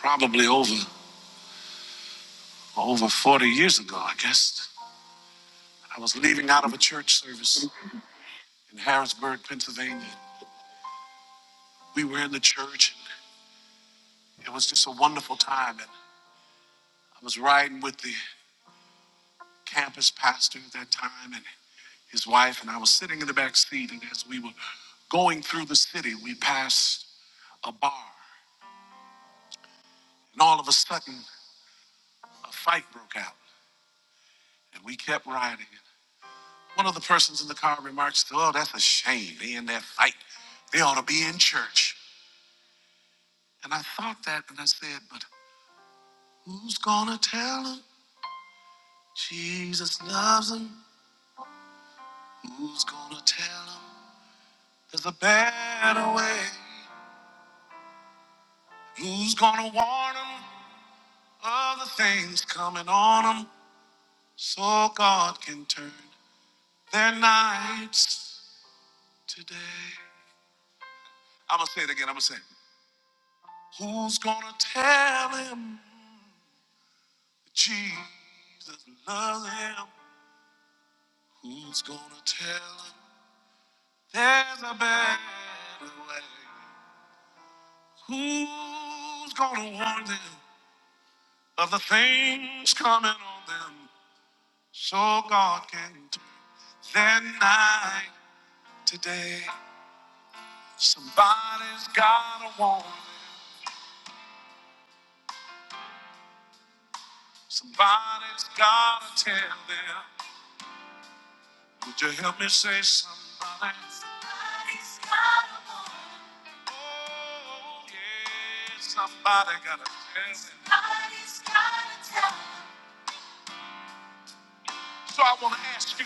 probably over over 40 years ago, I guess. I was leaving out of a church service in Harrisburg, Pennsylvania. We were in the church. It was just a wonderful time. And I was riding with the campus pastor at that time and his wife, and I was sitting in the back seat. And as we were going through the city, we passed a bar. And all of a sudden, a fight broke out. And we kept riding. One of the persons in the car remarks, Oh, that's a shame. They in that fight. They ought to be in church. And I thought that and I said, but who's gonna tell him Jesus loves him? Who's gonna tell him there's a better way? Who's gonna warn him of the things coming on him so God can turn their nights today? I'm gonna say it again, I'm gonna say, it. who's gonna tell him Jesus loves him? Who's gonna tell him there's a better way? Who's gonna warn them of the things coming on them so God can turn their night today? Somebody's gotta warn them. Somebody's gotta tell them. Would you help me say somebody? Somebody's gotta warn them. Oh, yeah, somebody gotta tell them. Somebody's gotta tell them. So I want to ask you,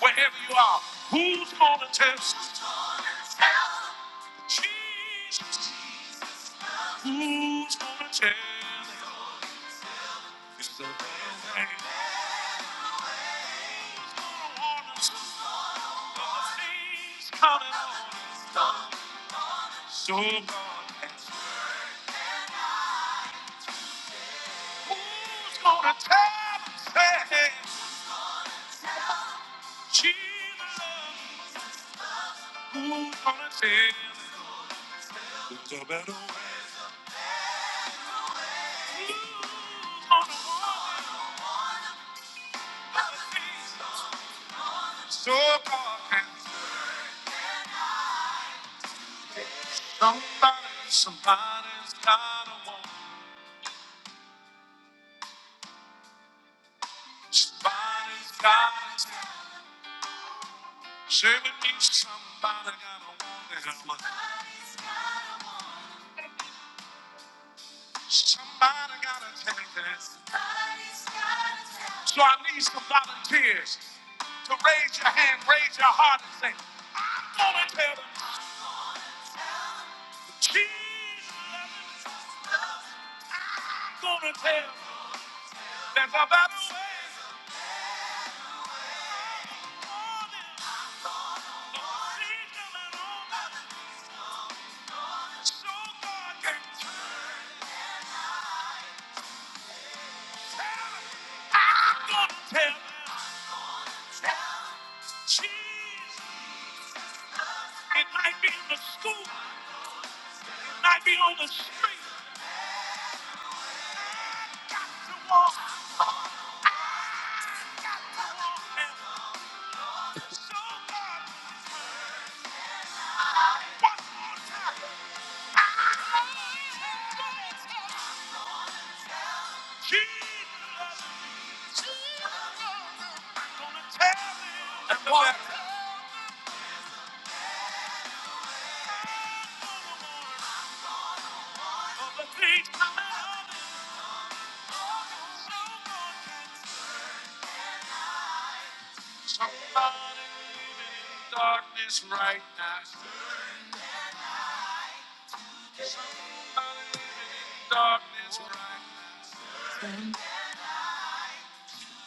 wherever you are, who's going to test? Jesus. Who's going to tell? It's the way. Who's going to warn us of the things coming on us? So God, who's going to tell? us that Jesus. Who's going to tell? It's a better way. Who's going to warn us of the things So God can do it. somebody, somebody's gotta want, somebody's gotta tell. Say with me, somebody gotta want to help. Somebody gotta take this. So I need some volunteers to raise your hand, raise your heart, and say, I'm gonna tell them, Jesus, I'm gonna tell them there's a better way. Lord, teach them and all that. So God can tell. I'm gonna tell. She- Somebody living in darkness right now. Somebody living in darkness right now.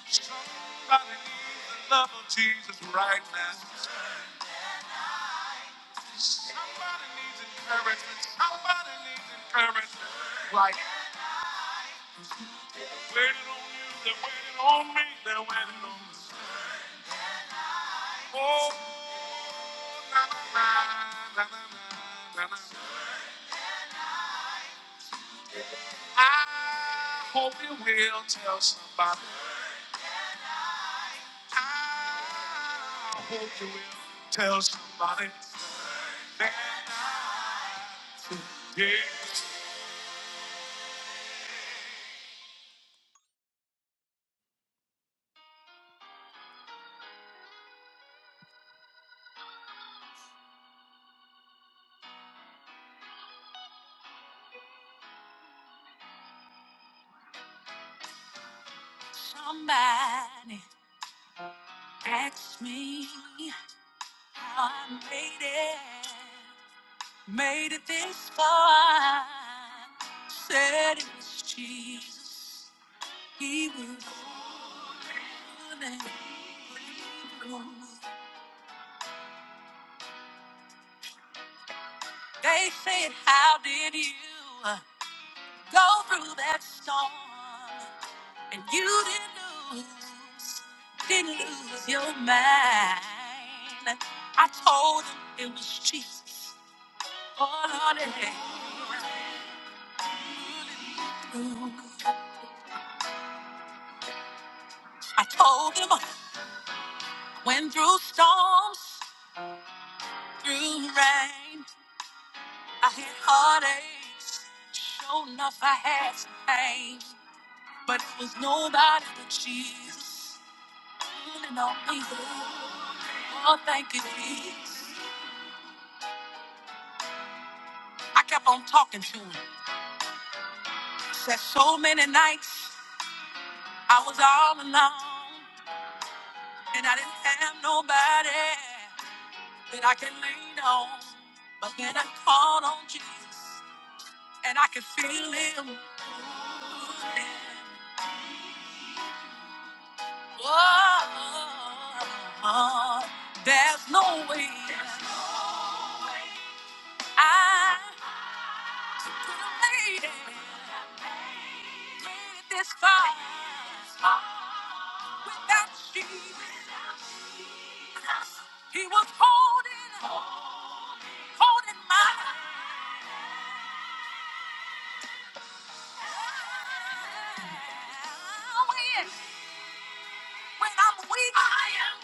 Somebody needs the love of Jesus right now. Somebody needs encouragement. Somebody needs encouragement. Right. Waiting on you, they're waiting on me, they're waiting on me. Oh. I hope you will tell somebody. I hope you will tell somebody. that I did. Somebody asked me how I made it. Made it this far. Said it was Jesus. He was the one and he was the one. They said, How did you uh, go through that storm? And you didn't lose, didn't lose your mind. I told them it was Jesus. all on it. I told them I went through storms, through rain. I had heartaches. Sure enough, I had some pain. But it was nobody but Jesus. Leaning on me. Oh, thank you, Jesus. I kept on talking to him. Said so many nights I was all alone and I didn't have nobody that I can lean on. But then I called on Jesus and I could feel him. moving. Oh, there's no way I could have made it, made it this far without you. He was holding, holding my hand. When I'm weak, I am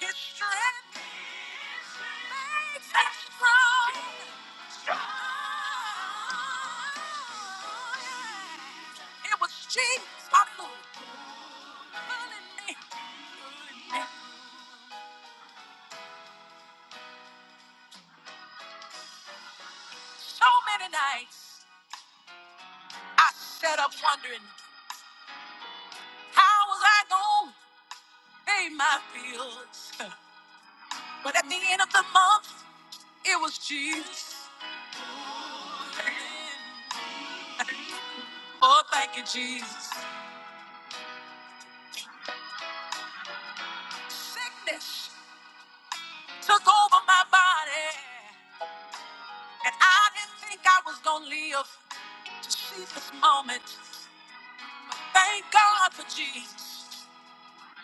his strength. Makes me strong. It was Jesus, hallelujah, pulling me. So many nights I sat up wondering how was I going to pay my bills. But at the end of the month, It was Jesus. Oh, thank you, Jesus. Sickness took over my body, and I didn't think I was gonna live to see this moment. Thank God for Jesus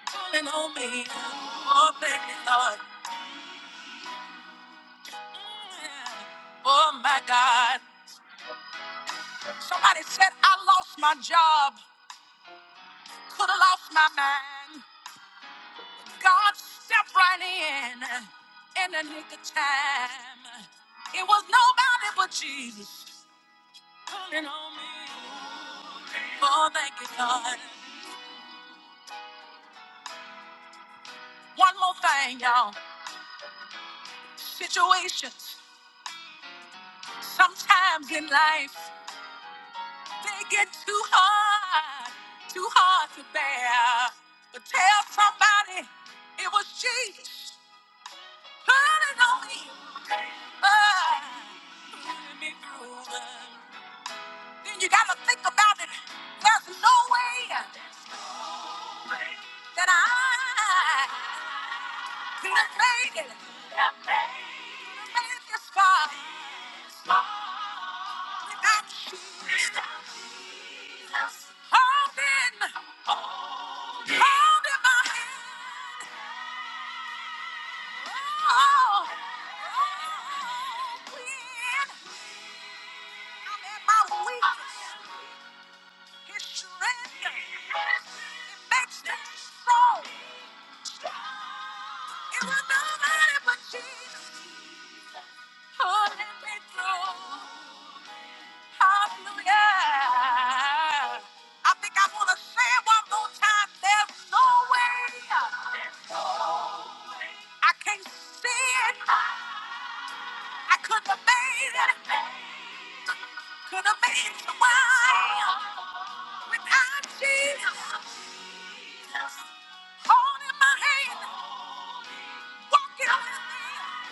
pulling on me. Oh, thank you, Lord. Mm. Oh my God. Somebody said I lost my job, could have lost my mind. God stepped right in in the nick of time. It was nobody but Jesus calling on me. Oh, thank you, God. One more thing, y'all. Situations sometimes in life they get too hard, too hard to bear. But tell somebody it was Jesus calling on me. Ah, pulling me through. then you gotta think about it. There's no way that I could have made it, made it this far without you. Holding, holding my hand. Oh, oh, when I'm at my weakest, His strength it makes me strong. It was nobody but Jesus holding me through. Hallelujah. I think I want to say it one more time. There's no way I can't see it. I couldn't have made it. Could have made it to where I am without Jesus holding my hand, walking with me.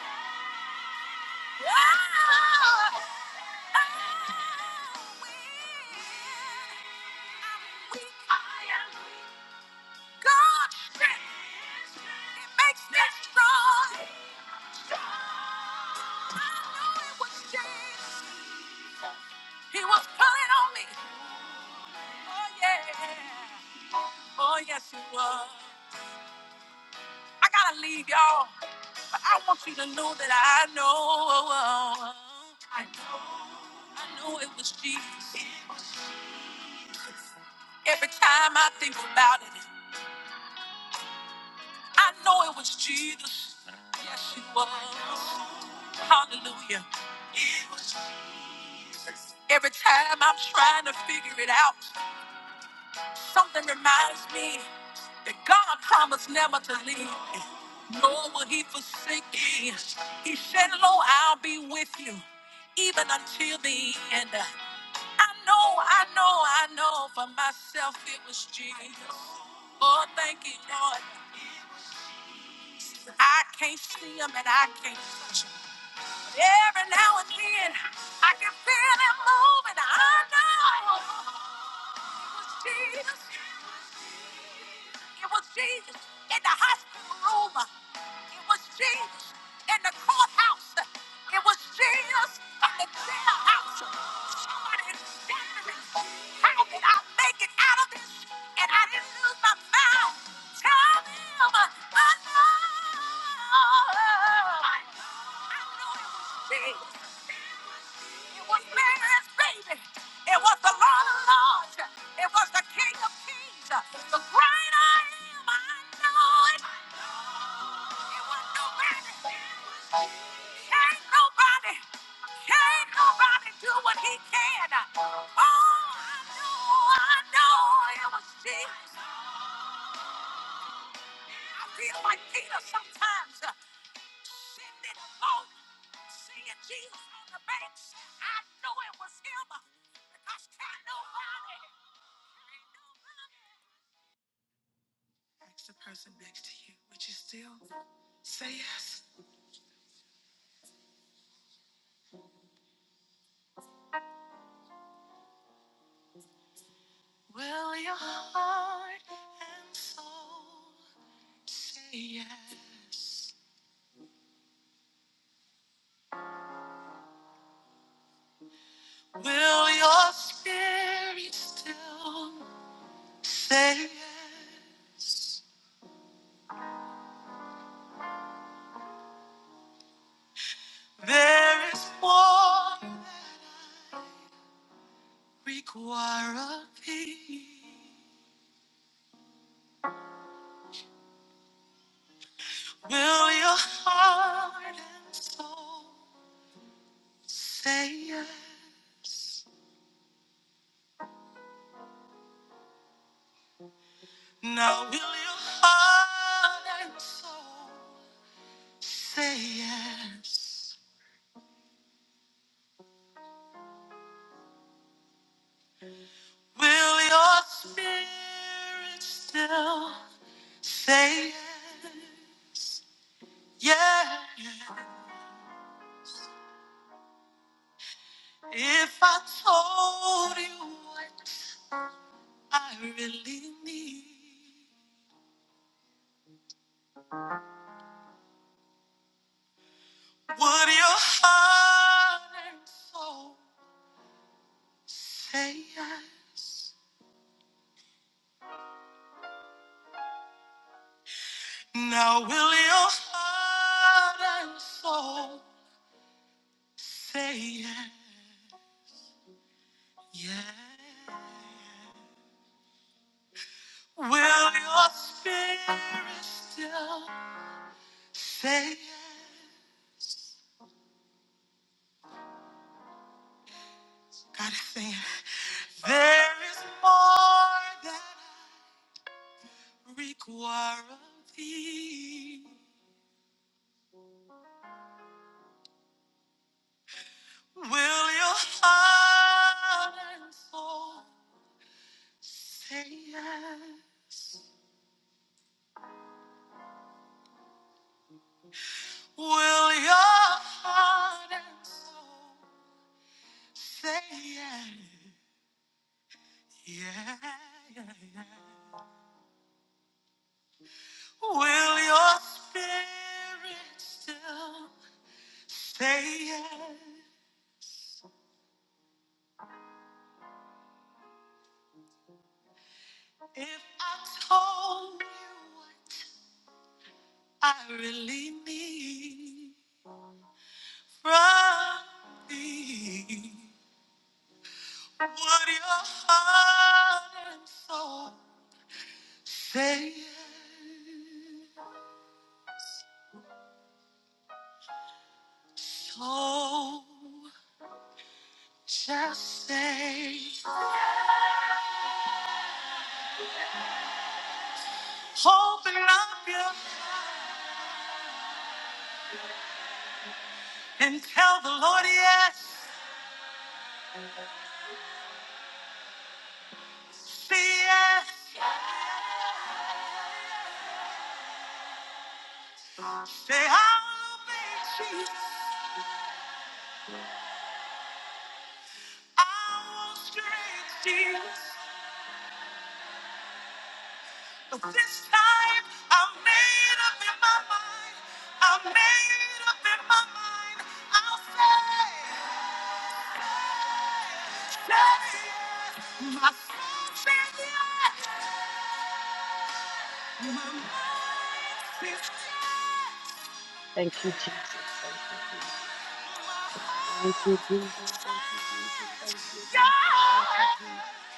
He was pulling on me. Oh, yeah. Oh, yes, he was. I gotta leave, y'all. But I want you to know that I know. I know. I know it was Jesus. Every time I think about it, I know it was Jesus. Yes, it was. Hallelujah. Every time I'm trying to figure it out, something reminds me that God promised never to leave me, nor will He forsake me. He said, Lo, I'll be with you even until the end. I know, I know, I know for myself it was Jesus. Oh, thank you, Lord. I can't see him and I can't. Every now and then, I can feel it moving. I know it was Jesus. It was Jesus in the hospital room. It was Jesus in the courthouse. It was Jesus in the jailhouse. Somebody is staggering. How did I make it out of this? And I didn't lose my mind. Tell them I know. I know it was Jesus. It was Mary's baby. It was the Lord of Lords. It was the King of Kings. The great I am. I know it. It was nobody. Can't nobody. Can't nobody do what he can. Oh, I know. I know it was Jesus. I feel like Peter sometimes uh, sending a boat, seeing Jesus on the banks. I knew it was him uh, because can't nobody, can't nobody. love My soul, Savior, God, Thank you, Jesus. Thank you, Jesus. Thank you, Jesus. Thank you, Jesus. Thank you, Jesus. Thank you, Jesus.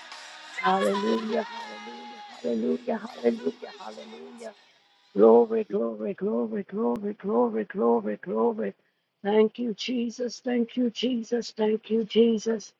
Hallelujah, hallelujah, hallelujah, hallelujah, hallelujah. God. Glory, glory, glory, glory, glory, glory, glory. Thank you, Jesus. Thank you, Jesus. Thank you, Jesus.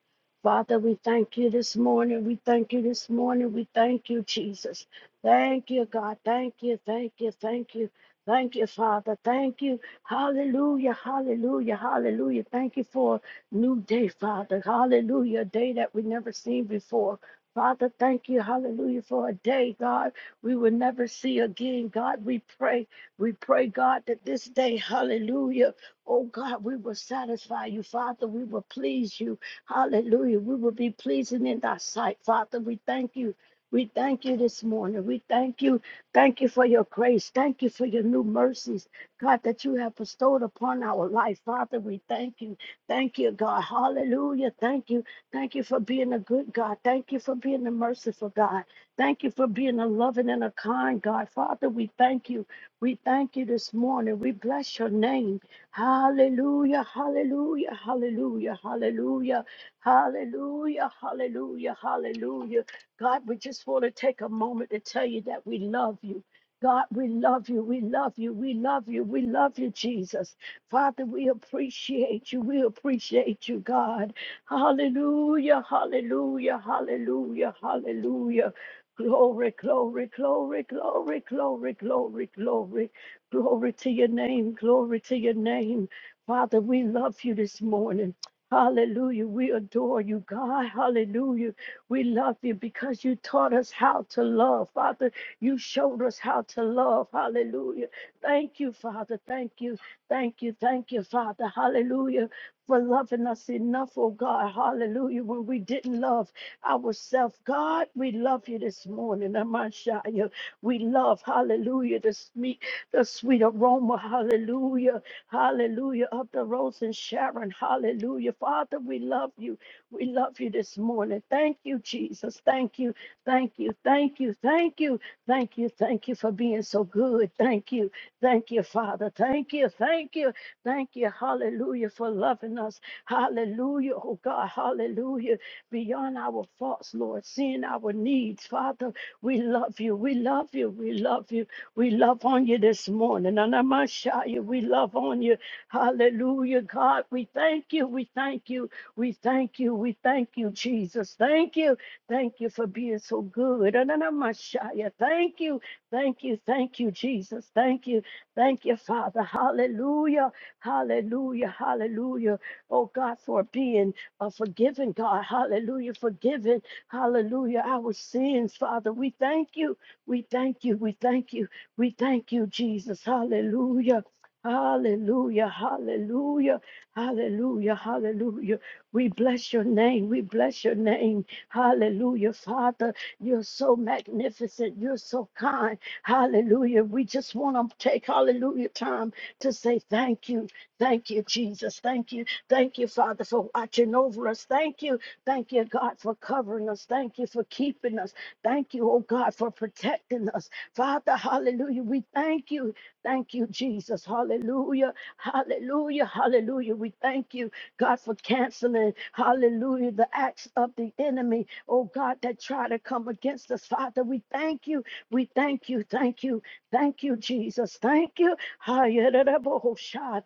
Father, we thank you this morning. We thank you this morning. We thank you, Jesus. Thank you, God. Thank you, thank you, thank you. Thank you, Father. Thank you. Hallelujah, hallelujah, hallelujah. Thank you for a new day, Father. Hallelujah, a day that we never seen before. Father, thank you, hallelujah, for a day, God we will never see again. God, we pray. We pray, God, that this day, hallelujah, oh God, we will satisfy you, Father. We will please you. Hallelujah. We will be pleasing in thy sight, Father. We thank you. We thank you this morning. We thank you. Thank you for your grace. Thank you for your new mercies, God, that you have bestowed upon our life. Father, we thank you. Thank you, God. Hallelujah. Thank you. Thank you for being a good God. Thank you for being a merciful God. Thank you for being a loving and a kind God. Father, we thank you. We thank you this morning. We bless your name. Hallelujah, hallelujah, hallelujah, hallelujah, hallelujah, hallelujah, hallelujah. God, we just want to take a moment to tell you that we love you. God, we love you. We love you. We love you. We love you, Jesus. Father, we appreciate you. We appreciate you, God. Hallelujah, hallelujah, hallelujah, hallelujah. Glory, glory, glory, glory, glory, glory, glory, glory to your name, glory to your name. Father, we love you this morning. Hallelujah. We adore you, God. Hallelujah. We love you because you taught us how to love. Father, you showed us how to love. Hallelujah. Thank you, Father. Thank you. Thank you. Thank you, Father. Hallelujah. For loving us enough, oh God. Hallelujah. When we didn't love ourselves. God, we love you this morning. Amashaya. We love, hallelujah, the sweet, the sweet aroma, hallelujah, hallelujah, of the rose and Sharon, hallelujah. Father, we love you. We love you this morning. Thank you, Jesus. Thank you, thank you, thank you, thank you, thank you, thank you for being so good. Thank you, thank you, Father. Thank you, thank you, thank you, hallelujah, for loving us. Hallelujah, oh God, hallelujah beyond our faults, Lord, seeing our needs. Father, we love you. We love you. We love you. We love on you this morning. And I'm gonna shout you. We love on you. Hallelujah, God. We thank you. We thank you. We thank you. We thank you, Jesus. Thank you. Thank you for being so good. And I'm gonna shout you. Thank you. Thank you. Thank you, Jesus. Thank you. Thank you, Father. Hallelujah. Hallelujah. Hallelujah. Oh God, for being uh, forgiving, God. Hallelujah. Forgiving. Hallelujah. Our sins, Father. We thank you. We thank you. We thank you. We thank you, Jesus. Hallelujah. Hallelujah. Hallelujah. Hallelujah. Hallelujah. We bless your name. We bless your name. Hallelujah. Father, you're so magnificent. You're so kind. Hallelujah. We just want to take, hallelujah, time to say thank you. Thank you, Jesus. Thank you. Thank you, Father, for watching over us. Thank you. Thank you, God, for covering us. Thank you for keeping us. Thank you, oh God, for protecting us. Father, hallelujah. We thank you. Thank you, Jesus. Hallelujah. Hallelujah. Hallelujah. We thank you, God, for canceling, hallelujah, the acts of the enemy, oh God, that try to come against us. Father, we thank you. We thank you. Thank you. Thank you, Jesus. Thank you. Hallelujah.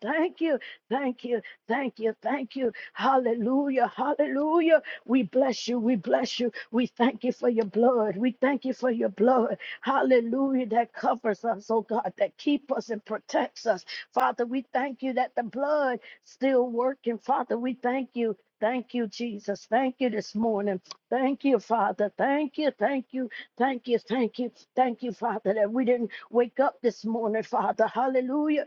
Thank you. Thank you. Thank you. Thank you. Hallelujah. Hallelujah. We bless you. We bless you. We thank you for your blood. We thank you for your blood. Hallelujah. That covers us, oh God, that keeps us and protects us. Father, we thank you that the blood still working. Father, we thank you. Thank you, Jesus. Thank you this morning. Thank you, Father. Thank you. Thank you. Thank you. Thank you. Thank you, Father, that we didn't wake up this morning, Father. Hallelujah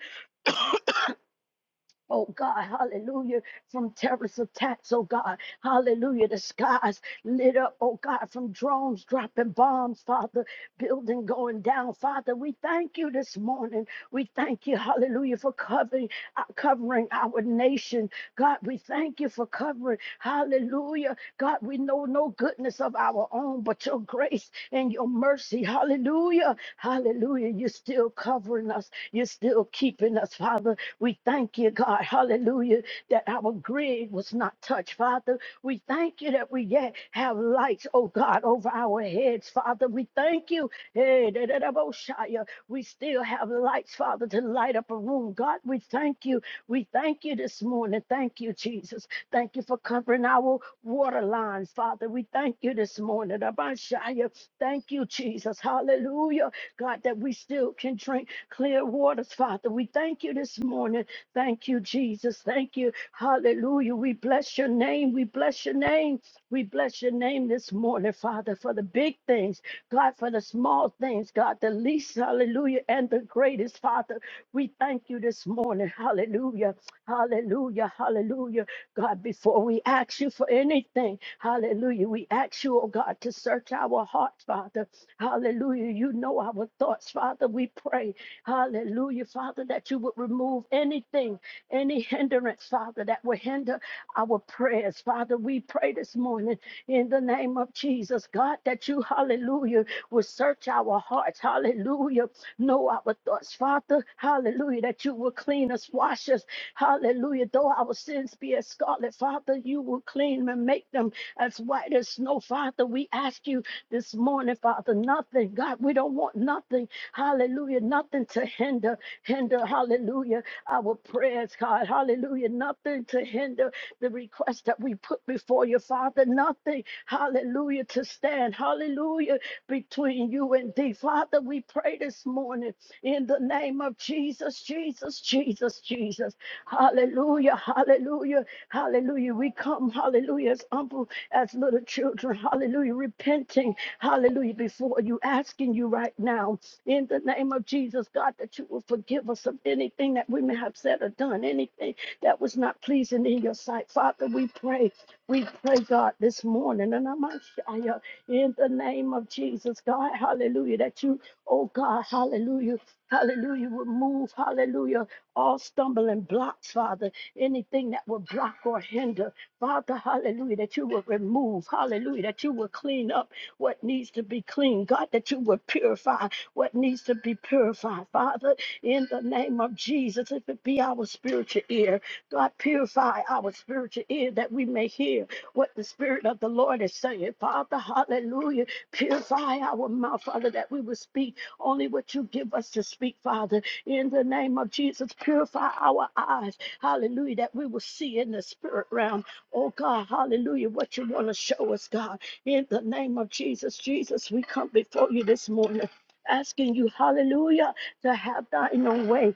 Oh God, hallelujah, from terrorist attacks, oh God, hallelujah, the skies lit up, oh God, from drones dropping bombs, Father, building going down, Father, we thank you this morning. We thank you, hallelujah, for covering, uh, covering our nation. God, we thank you for covering, hallelujah. God, we know no goodness of our own, but your grace and your mercy, hallelujah, hallelujah, you're still covering us, you're still keeping us, Father. We thank you, God, hallelujah, that our grid was not touched, Father. We thank you that we yet have lights, oh God, over our heads, Father. We thank you, hey, da, da, da, bo, shia. we still have lights, Father, to light up a room. God, we thank you. We thank you this morning. Thank you, Jesus. Thank you for covering our water lines, Father. We thank you this morning. da, ba, shia. Thank you, Jesus. Hallelujah. God, that we still can drink clear waters, Father. We thank you this morning. Thank you, Jesus. Thank you. Hallelujah. We bless your name. We bless your name. We bless your name this morning, Father, for the big things, God, for the small things, God, the least, hallelujah, and the greatest, Father. We thank you this morning. Hallelujah. Hallelujah. Hallelujah. God, before we ask you for anything, hallelujah, we ask you, oh God, to search our hearts, Father. Hallelujah. You know our thoughts, Father. We pray. Hallelujah, Father, that you would remove anything, any hindrance, Father, that would hinder our prayers. Father, we pray this morning in the name of Jesus, God, that you, hallelujah, will search our hearts. Hallelujah. Know our thoughts, Father. Hallelujah, that you will clean us, wash us. Hallelujah. Though our sins be as scarlet, Father, you will clean them and make them as white as snow, Father. We ask you this morning, Father, nothing. God, we don't want nothing Hallelujah. Nothing to hinder, hinder, hallelujah, our prayers, God. Hallelujah. Nothing to hinder the request that we put before you, Father. Nothing, hallelujah, to stand, hallelujah, between you and thee. Father, we pray this morning in the name of Jesus, Jesus, Jesus, Jesus. Hallelujah, hallelujah, hallelujah. We come, hallelujah, as humble as little children, hallelujah, repenting, hallelujah, before you, asking you right now, in the name of Jesus, God, that you will forgive us of anything that we may have said or done, anything that was not pleasing in your sight. Father, we pray, we pray, God, this morning, and I'm Ashaya, in the name of Jesus, God, hallelujah, that you, oh God, hallelujah, hallelujah, Remove, hallelujah all stumbling blocks, Father, anything that will block or hinder, Father, hallelujah, that you will remove, hallelujah, that you will clean up what needs to be clean, God, that you will purify what needs to be purified, Father, in the name of Jesus, if it be our spiritual ear, God, purify our spiritual ear that we may hear what the Spirit of the Lord is saying, Father, hallelujah, purify our mouth, Father, that we will speak only what you give us to speak, Father in the name of Jesus, purify our eyes. Hallelujah. That we will see in the spirit realm. Oh God, hallelujah. What you want to show us, God. In the name of Jesus, Jesus, we come before you this morning asking you, hallelujah, to have thine own way.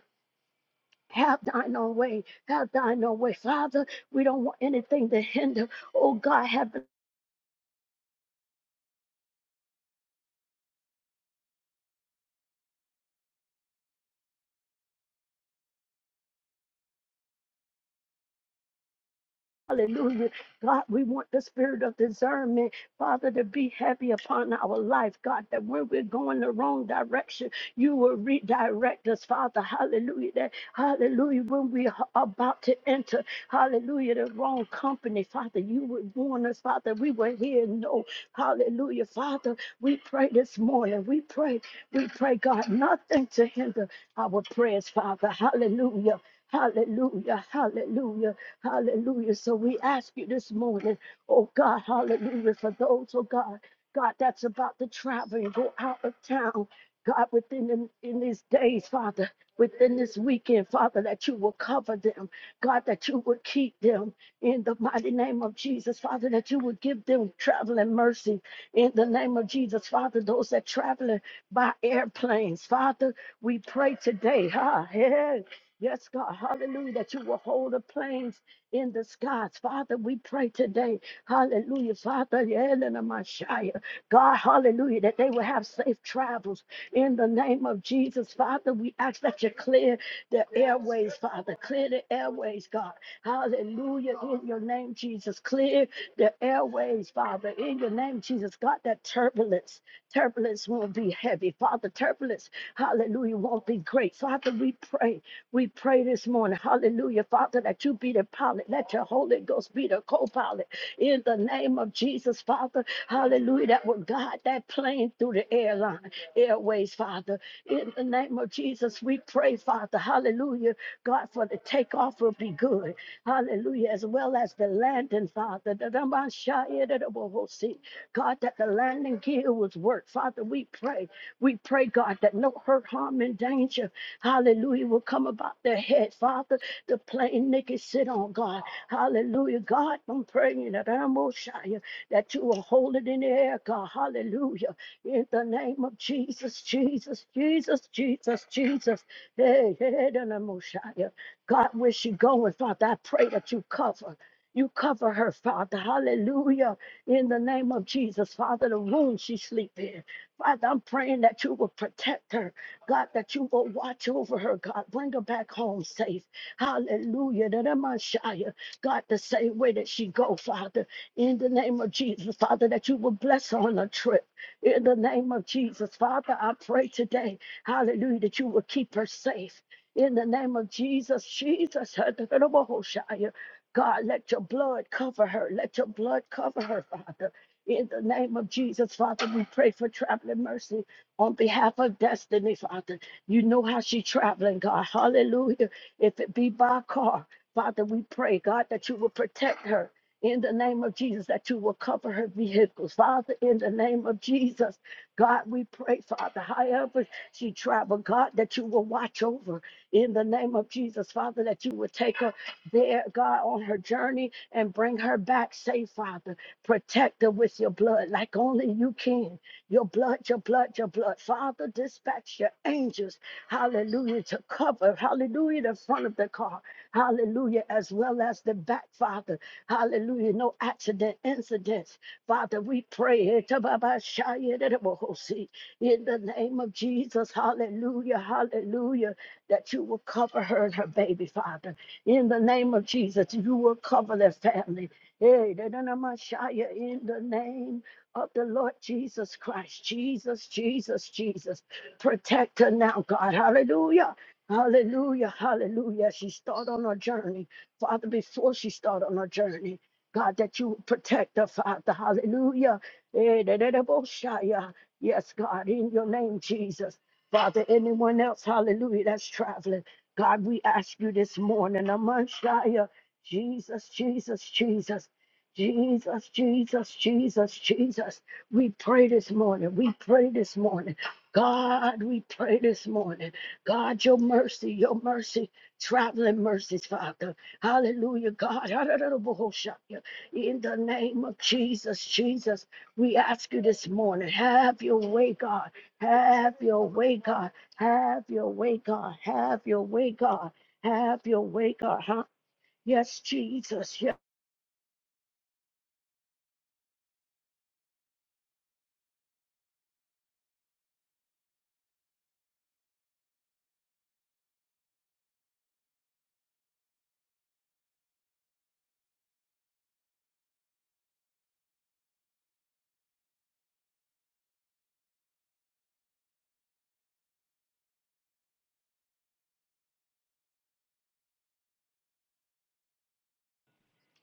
Have thine own way. Have thine own way. Father, we don't want anything to hinder. Oh God, have Hallelujah. God, we want the spirit of discernment, Father, to be heavy upon our life, God, that when we're going the wrong direction, you will redirect us, Father. Hallelujah. That, hallelujah. When we are about to enter, hallelujah, the wrong company, Father, you would warn us, Father. We will hear no. Hallelujah. Father, we pray this morning. We pray, we pray, God, nothing to hinder our prayers, Father. Hallelujah. Hallelujah, hallelujah. Hallelujah. So we ask you this morning, oh God, hallelujah, for those, oh God, God, that's about to travel and go out of town. God, within the, in these days, Father, within this weekend, Father, that you will cover them. God, that you will keep them in the mighty name of Jesus, Father, that you will give them traveling mercy in the name of Jesus, Father. Those that traveling by airplanes, Father, we pray today, huh? Hey, hey. Yes, God, hallelujah, that you will hold the planes in the skies. Father, we pray today, hallelujah, Father, Elena Messiah, God, hallelujah, that they will have safe travels in the name of Jesus. Father, we ask that you clear the airways, Father, clear the airways, God, hallelujah, in your name, Jesus, clear the airways, Father, in your name, Jesus, God, that turbulence, turbulence won't be heavy, Father, turbulence, hallelujah, won't be great. Father, we pray we pray this morning, hallelujah, Father, that you be the pilot, let your Holy Ghost be the co pilot in the name of Jesus, Father, hallelujah, that will guide that plane through the airline, airways, Father, in the name of Jesus. We pray, Father, hallelujah, God, for the takeoff will be good, hallelujah hallelujah, as well as the landing, Father. The Ramashaya, the Rabahosi. God, that the landing gear was worked. Father, we pray. We pray, God, that no hurt, harm, and danger, hallelujah, will come about their head, Father. The plane they can sit on, God. Hallelujah. God, I'm praying that Ramoshaya, that you will hold it in the air, God. Hallelujah. In the name of Jesus, Jesus, Jesus, Jesus, Jesus. Hey, hey, Ramoshaya. God, where she going, Father, I pray that you cover. You cover her, Father. Hallelujah. In the name of Jesus, Father, the room she sleep in. Father, I'm praying that you will protect her. God, that you will watch over her, God. Bring her back home safe. Hallelujah. That am I shy. God, the same way that she go, Father. In the name of Jesus, Father, that you will bless her on her trip. In the name of Jesus, Father, I pray today, hallelujah, that you will keep her safe. In the name of Jesus, Jesus, God, let your blood cover her. Let your blood cover her, Father. In the name of Jesus, Father, we pray for traveling mercy on behalf of destiny, Father. You know how she's traveling, God. Hallelujah. If it be by car, Father, we pray, God, that you will protect her. In the name of Jesus, that you will cover her vehicles. Father, in the name of Jesus, God, we pray, Father, however she travel, God, that you will watch over in the name of Jesus, Father, that you would take her there, God, on her journey and bring her back safe, Father. Protect her with your blood like only you can. Your blood, your blood, your blood. Father, dispatch your angels, hallelujah, to cover, hallelujah, the front of the car, hallelujah, as well as the back, Father, hallelujah. No accident, incidents, Father, we pray it in the name of Jesus, hallelujah, hallelujah that you will cover her and her baby, Father. In the name of Jesus, you will cover their family. Hey, da- da- da- ma- shia, In the name of the Lord Jesus Christ, Jesus, Jesus, Jesus, protect her now, God. Hallelujah. Hallelujah, hallelujah. She start on her journey. Father, before she start on her journey, God, that you would protect her, Father. Hallelujah. Eh, da- da- da- bo- shia. Yes, God, in your name, Jesus. Father, anyone else, hallelujah, that's traveling. God, we ask you this morning, Amanshaya, Jesus, Jesus, Jesus. Jesus, Jesus, Jesus, Jesus. We pray this morning. We pray this morning. God, we pray this morning. God, your mercy, your mercy, traveling mercies, Father. Hallelujah, God. In the name of Jesus, Jesus, we ask you this morning, have your way, God. Have your way, God. Have your way, God. Have your way, God. Have your way, God. Huh? Yes, Jesus. Yes.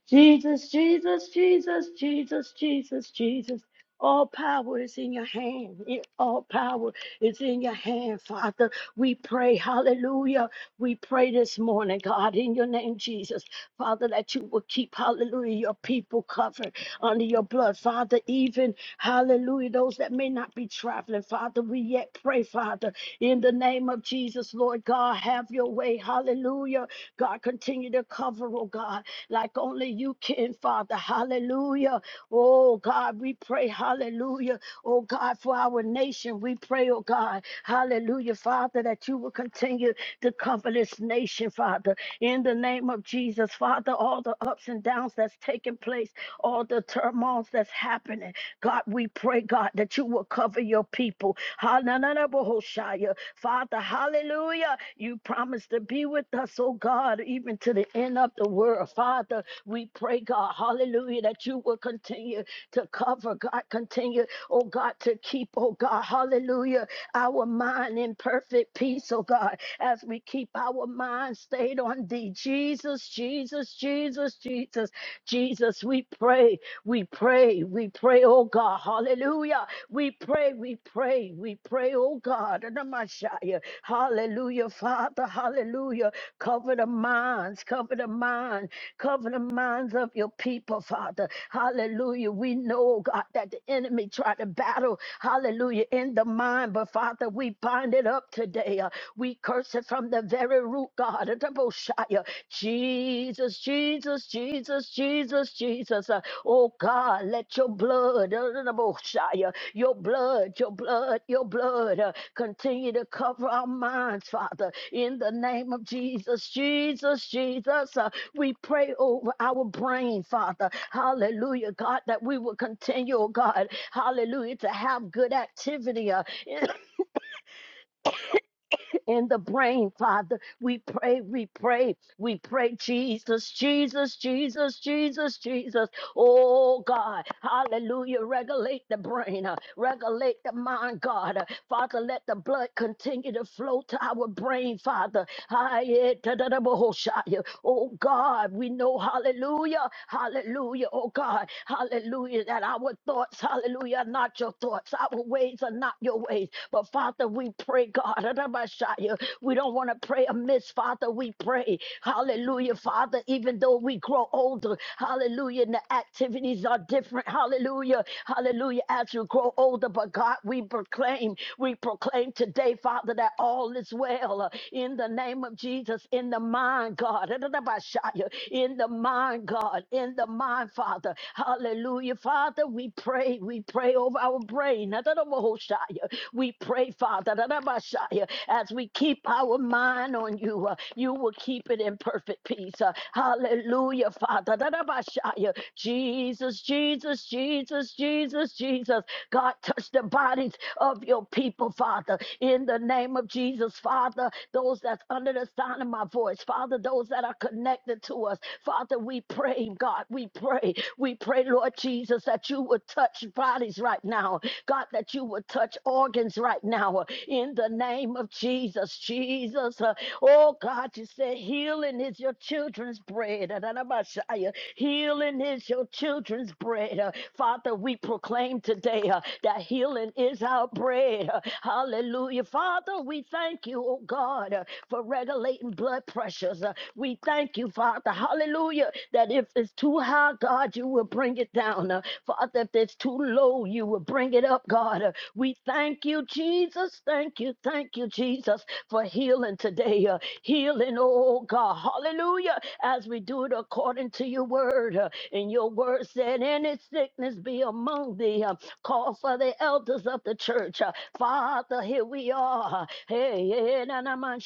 Jesus, Jesus, Jesus, Jesus, Jesus, Jesus. All power is in your hand. It- All power is in your hand, Father. We pray, hallelujah. We pray this morning, God, in your name, Jesus. Father, that you will keep, hallelujah, your people covered under your blood. Father, even, hallelujah, those that may not be traveling, Father, we yet pray, Father, in the name of Jesus, Lord God, have your way, hallelujah. God, continue to cover, oh God, like only you can, Father. Hallelujah. Oh God, we pray, hallelujah. Oh God, for our nation, we pray, oh God, hallelujah, Father, that you will continue to cover this nation, Father. In the name of Jesus, Father, all the ups and downs that's taking place, all the turmoils that's happening. God, we pray, God, that you will cover your people. Hananarabohoshaya. Father, hallelujah. You promise to be with us, oh God, even to the end of the world. Father, we pray, God, hallelujah, that you will continue to cover, God, continue, oh God, to keep, oh God, hallelujah, our mind in perfect peace, oh God, as we keep our mind stayed on thee. Jesus, Jesus, Jesus, Jesus, Jesus, we pray. We pray, we pray, oh God, hallelujah. We pray, we pray, we pray, oh God, in the Messiah. Hallelujah, Father, hallelujah. Cover the minds, cover the mind, cover the minds of your people, Father. Hallelujah. We know, oh God, that the enemy tried to battle, hallelujah, in the mind, but Father, we bind it up today. Uh, we curse it from the very root, God, of the Messiah. Jesus, Jesus, Jesus, Jesus, Jesus. Uh, Oh God, let your blood, uh, uh, uh, your blood, your blood, your blood uh, continue to cover our minds, Father. In the name of Jesus, Jesus, Jesus, uh, we pray over our brain, Father. Hallelujah, God, that we will continue, oh God, hallelujah, to have good activity. uh, in the brain, Father. We pray, we pray, we pray, Jesus, Jesus, Jesus, Jesus, Jesus. Oh God, hallelujah. Regulate the brain, uh, regulate the mind, God. Uh, Father, let the blood continue to flow to our brain, Father ha ye Oh God, we know, hallelujah, hallelujah, oh God, hallelujah, that our thoughts, hallelujah, are not your thoughts, our ways are not your ways. But Father, we pray, God, da we don't want to pray amiss, Father, we pray, hallelujah, Father, even though we grow older, hallelujah, and the activities are different, hallelujah, hallelujah, as you grow older, but God, we proclaim, we proclaim today, Father, that all is well, healer in the name of Jesus, in the mind, God, in the mind, God, in the mind, Father. Hallelujah. Father, we pray. We pray over our brain. We pray, Father, as we keep our mind on you, uh, you will keep it in perfect peace. Uh, Hallelujah, Father. Jesus, Jesus, Jesus, Jesus, Jesus. God, touch the bodies of your people, Father, in the name of Jesus. Jesus, Father, those that's under the sound of my voice, Father, those that are connected to us, Father, we pray, God, we pray, we pray, Lord Jesus, that you would touch bodies right now, God, that you would touch organs right now, in the name of Jesus, Jesus, uh, oh God, you said healing is your children's bread, Adonabashaya. healing is your children's bread, Uh, Father, we proclaim today uh, that healing is our bread, Uh, hallelujah you, Father. We thank you, oh God, uh, for regulating blood pressures. Uh, We thank you, Father. Hallelujah. That if it's too high, God, you will bring it down. Uh, Father, if it's too low, you will bring it up, God. Uh, We thank you, Jesus. Thank you. Thank you, Jesus, for healing today. Uh, Healing, oh God. Hallelujah. As we do it according to your word. Uh, And your word said, Any sickness be among thee. Uh, Call for the elders of the church. Uh, Father, Father, here we are. Hey, yeah, yeah, na, na, man,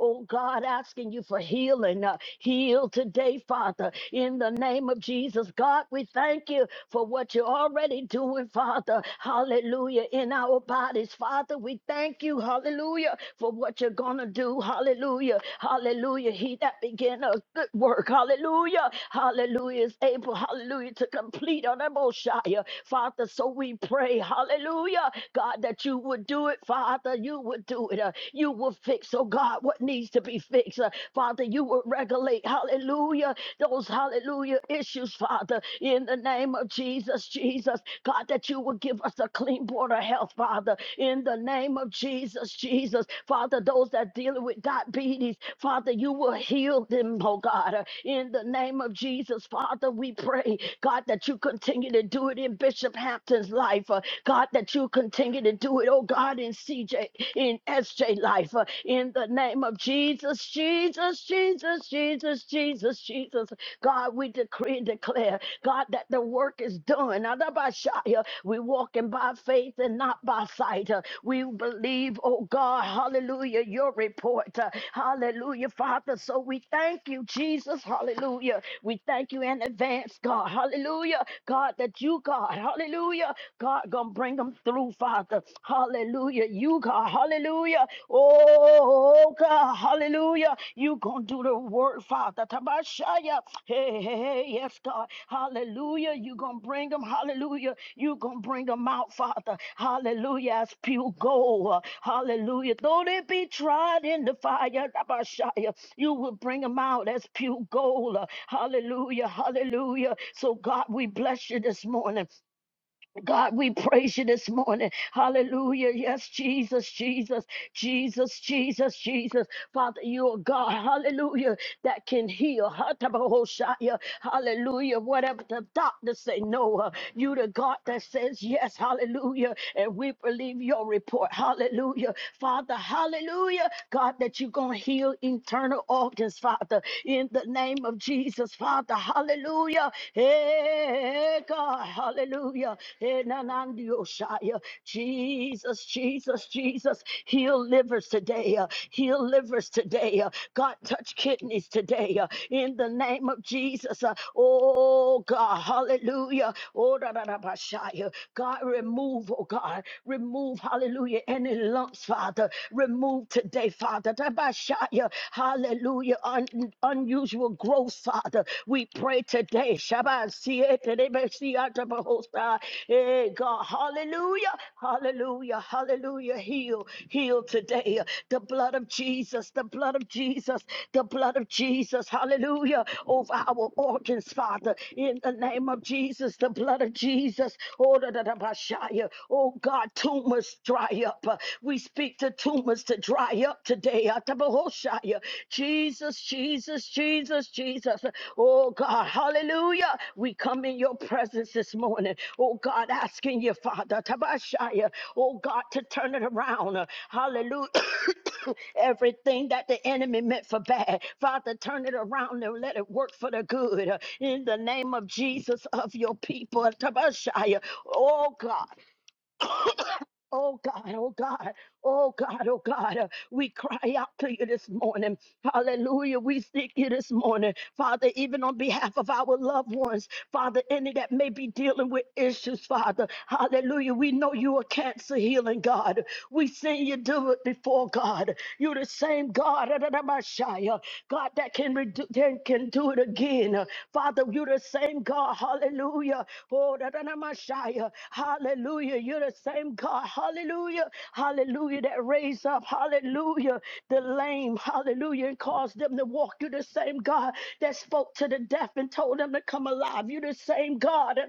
oh God, asking you for healing. uh, Heal today, Father, in the name of Jesus. God, we thank you for what you're already doing, Father. Hallelujah. In our bodies, Father, we thank you, hallelujah, for what you're going to do. Hallelujah. Hallelujah. He that began a good work, hallelujah. Hallelujah is able, hallelujah, to complete on Shire. Father, so we pray, hallelujah, God, that you would do it, Father. You would do it. uh, you will fix, oh God, what needs to be fixed. uh, Father, you will regulate, hallelujah, those hallelujah issues, Father, in the name of Jesus, Jesus. God, that you will give us a clean board of health, Father, in the name of Jesus, Jesus. Father, those that dealing with diabetes, Father, you will heal them, oh God, uh, in the name of Jesus, Father, we pray, God, that you continue to do it in Bishop Hampton's life, uh, God. God, that you continue to do it, oh God, in CJ, in SJ life, uh, in the name of Jesus, Jesus, Jesus, Jesus, Jesus, Jesus. God, we decree and declare, God, that the work is done. Adabashaya, We walking by faith and not by sight. Uh, We believe, oh God, hallelujah, your report. Uh, Hallelujah, Father. So we thank you, Jesus. Hallelujah. We thank you in advance, God. Hallelujah. God, that you, God, hallelujah. God gonna bring them through, Father. Hallelujah. You God, hallelujah. Oh God, hallelujah. You gonna do the work, Father. Tabashaya. Hey, hey, hey, yes, God. Hallelujah. You gonna bring them, hallelujah. You gonna bring them out, Father. Hallelujah. As pure gold. Hallelujah. Though they be tried in the fire, Tabashaya, you will bring them out as pure gold. Hallelujah. Hallelujah. So God, we bless you this morning. God, we praise you this morning. Hallelujah. Yes, Jesus, Jesus, Jesus, Jesus, Jesus. Father, you are God. Hallelujah. That can heal. Hatabahoshaya. Hallelujah. Whatever the doctors say, no. uh, You the God that says yes. Hallelujah. And we believe your report. Hallelujah. Father, hallelujah. God, that you're going to heal internal organs, Father. In the name of Jesus, Father. Hallelujah. Hallelujah. Hey, God. Hallelujah. Hey, nanandiosaya. Jesus, Jesus, Jesus. Heal livers today. uh, Heal livers today. uh, God, touch kidneys today. uh, In the name of Jesus. uh, Oh, God. Hallelujah. Oh, da, da, da, ba, shaya. God, remove, oh, God. Remove, hallelujah, any lumps, Father. Remove today, Father. Da, ba, shaya. Hallelujah hallelujah, un- unusual growth, Father. We pray today, Shabbat, Siete, Rebe, Siata, Bahosa. Hey, God, hallelujah, hallelujah, hallelujah. Heal, heal today. The blood of Jesus, the blood of Jesus, the blood of Jesus, hallelujah, over our organs, Father, in the name of Jesus, the blood of Jesus. Oh, da, da, da, ba, shaya. Oh, God, tumors dry up. We speak to to tumors to dry up today. Atabahoshaya. Jesus, Jesus, Jesus, Jesus. Oh God, hallelujah. We come in your presence this morning. Oh God, asking you, Father, Tabashaya. Oh God, to turn it around. Hallelujah. Everything that the enemy meant for bad, Father, turn it around and let it work for the good. In the name of Jesus, of your people, Tabashaya. Oh God. Oh God, oh God, oh God, oh God. Uh, We cry out to you this morning. Hallelujah. We seek you this morning. Father, even on behalf of our loved ones, Father, any that may be dealing with issues, Father. Hallelujah. We know you are cancer healing, God. We seen you do it before, God. You're the same God, Adonabashaya, God, that can, redo, can, can do it again. Uh, Father, you're the same God. Hallelujah. Oh, Adonabashaya. Hallelujah. Hallelujah. You're the same God. Hallelujah. Hallelujah. That raised up. Hallelujah. The lame. Hallelujah. And caused them to walk. You're the same God that spoke to the deaf and told them to come alive. You're the same God.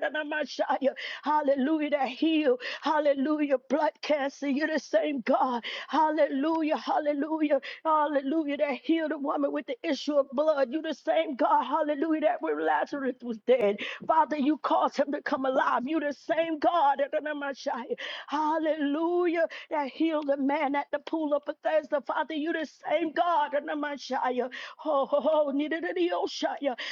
Hallelujah. That healed. Hallelujah. Blood cancer. You're the same God. Hallelujah. Hallelujah. Hallelujah. That healed the woman with the issue of blood. You're the same God. Hallelujah. That when Lazarus was dead. Father, Father, you caused him to come alive. You the same God. Hallelujah. That healed the man at the pool of Bethesda. Father, you the same God. Oh, oh, oh, neither did he, oh,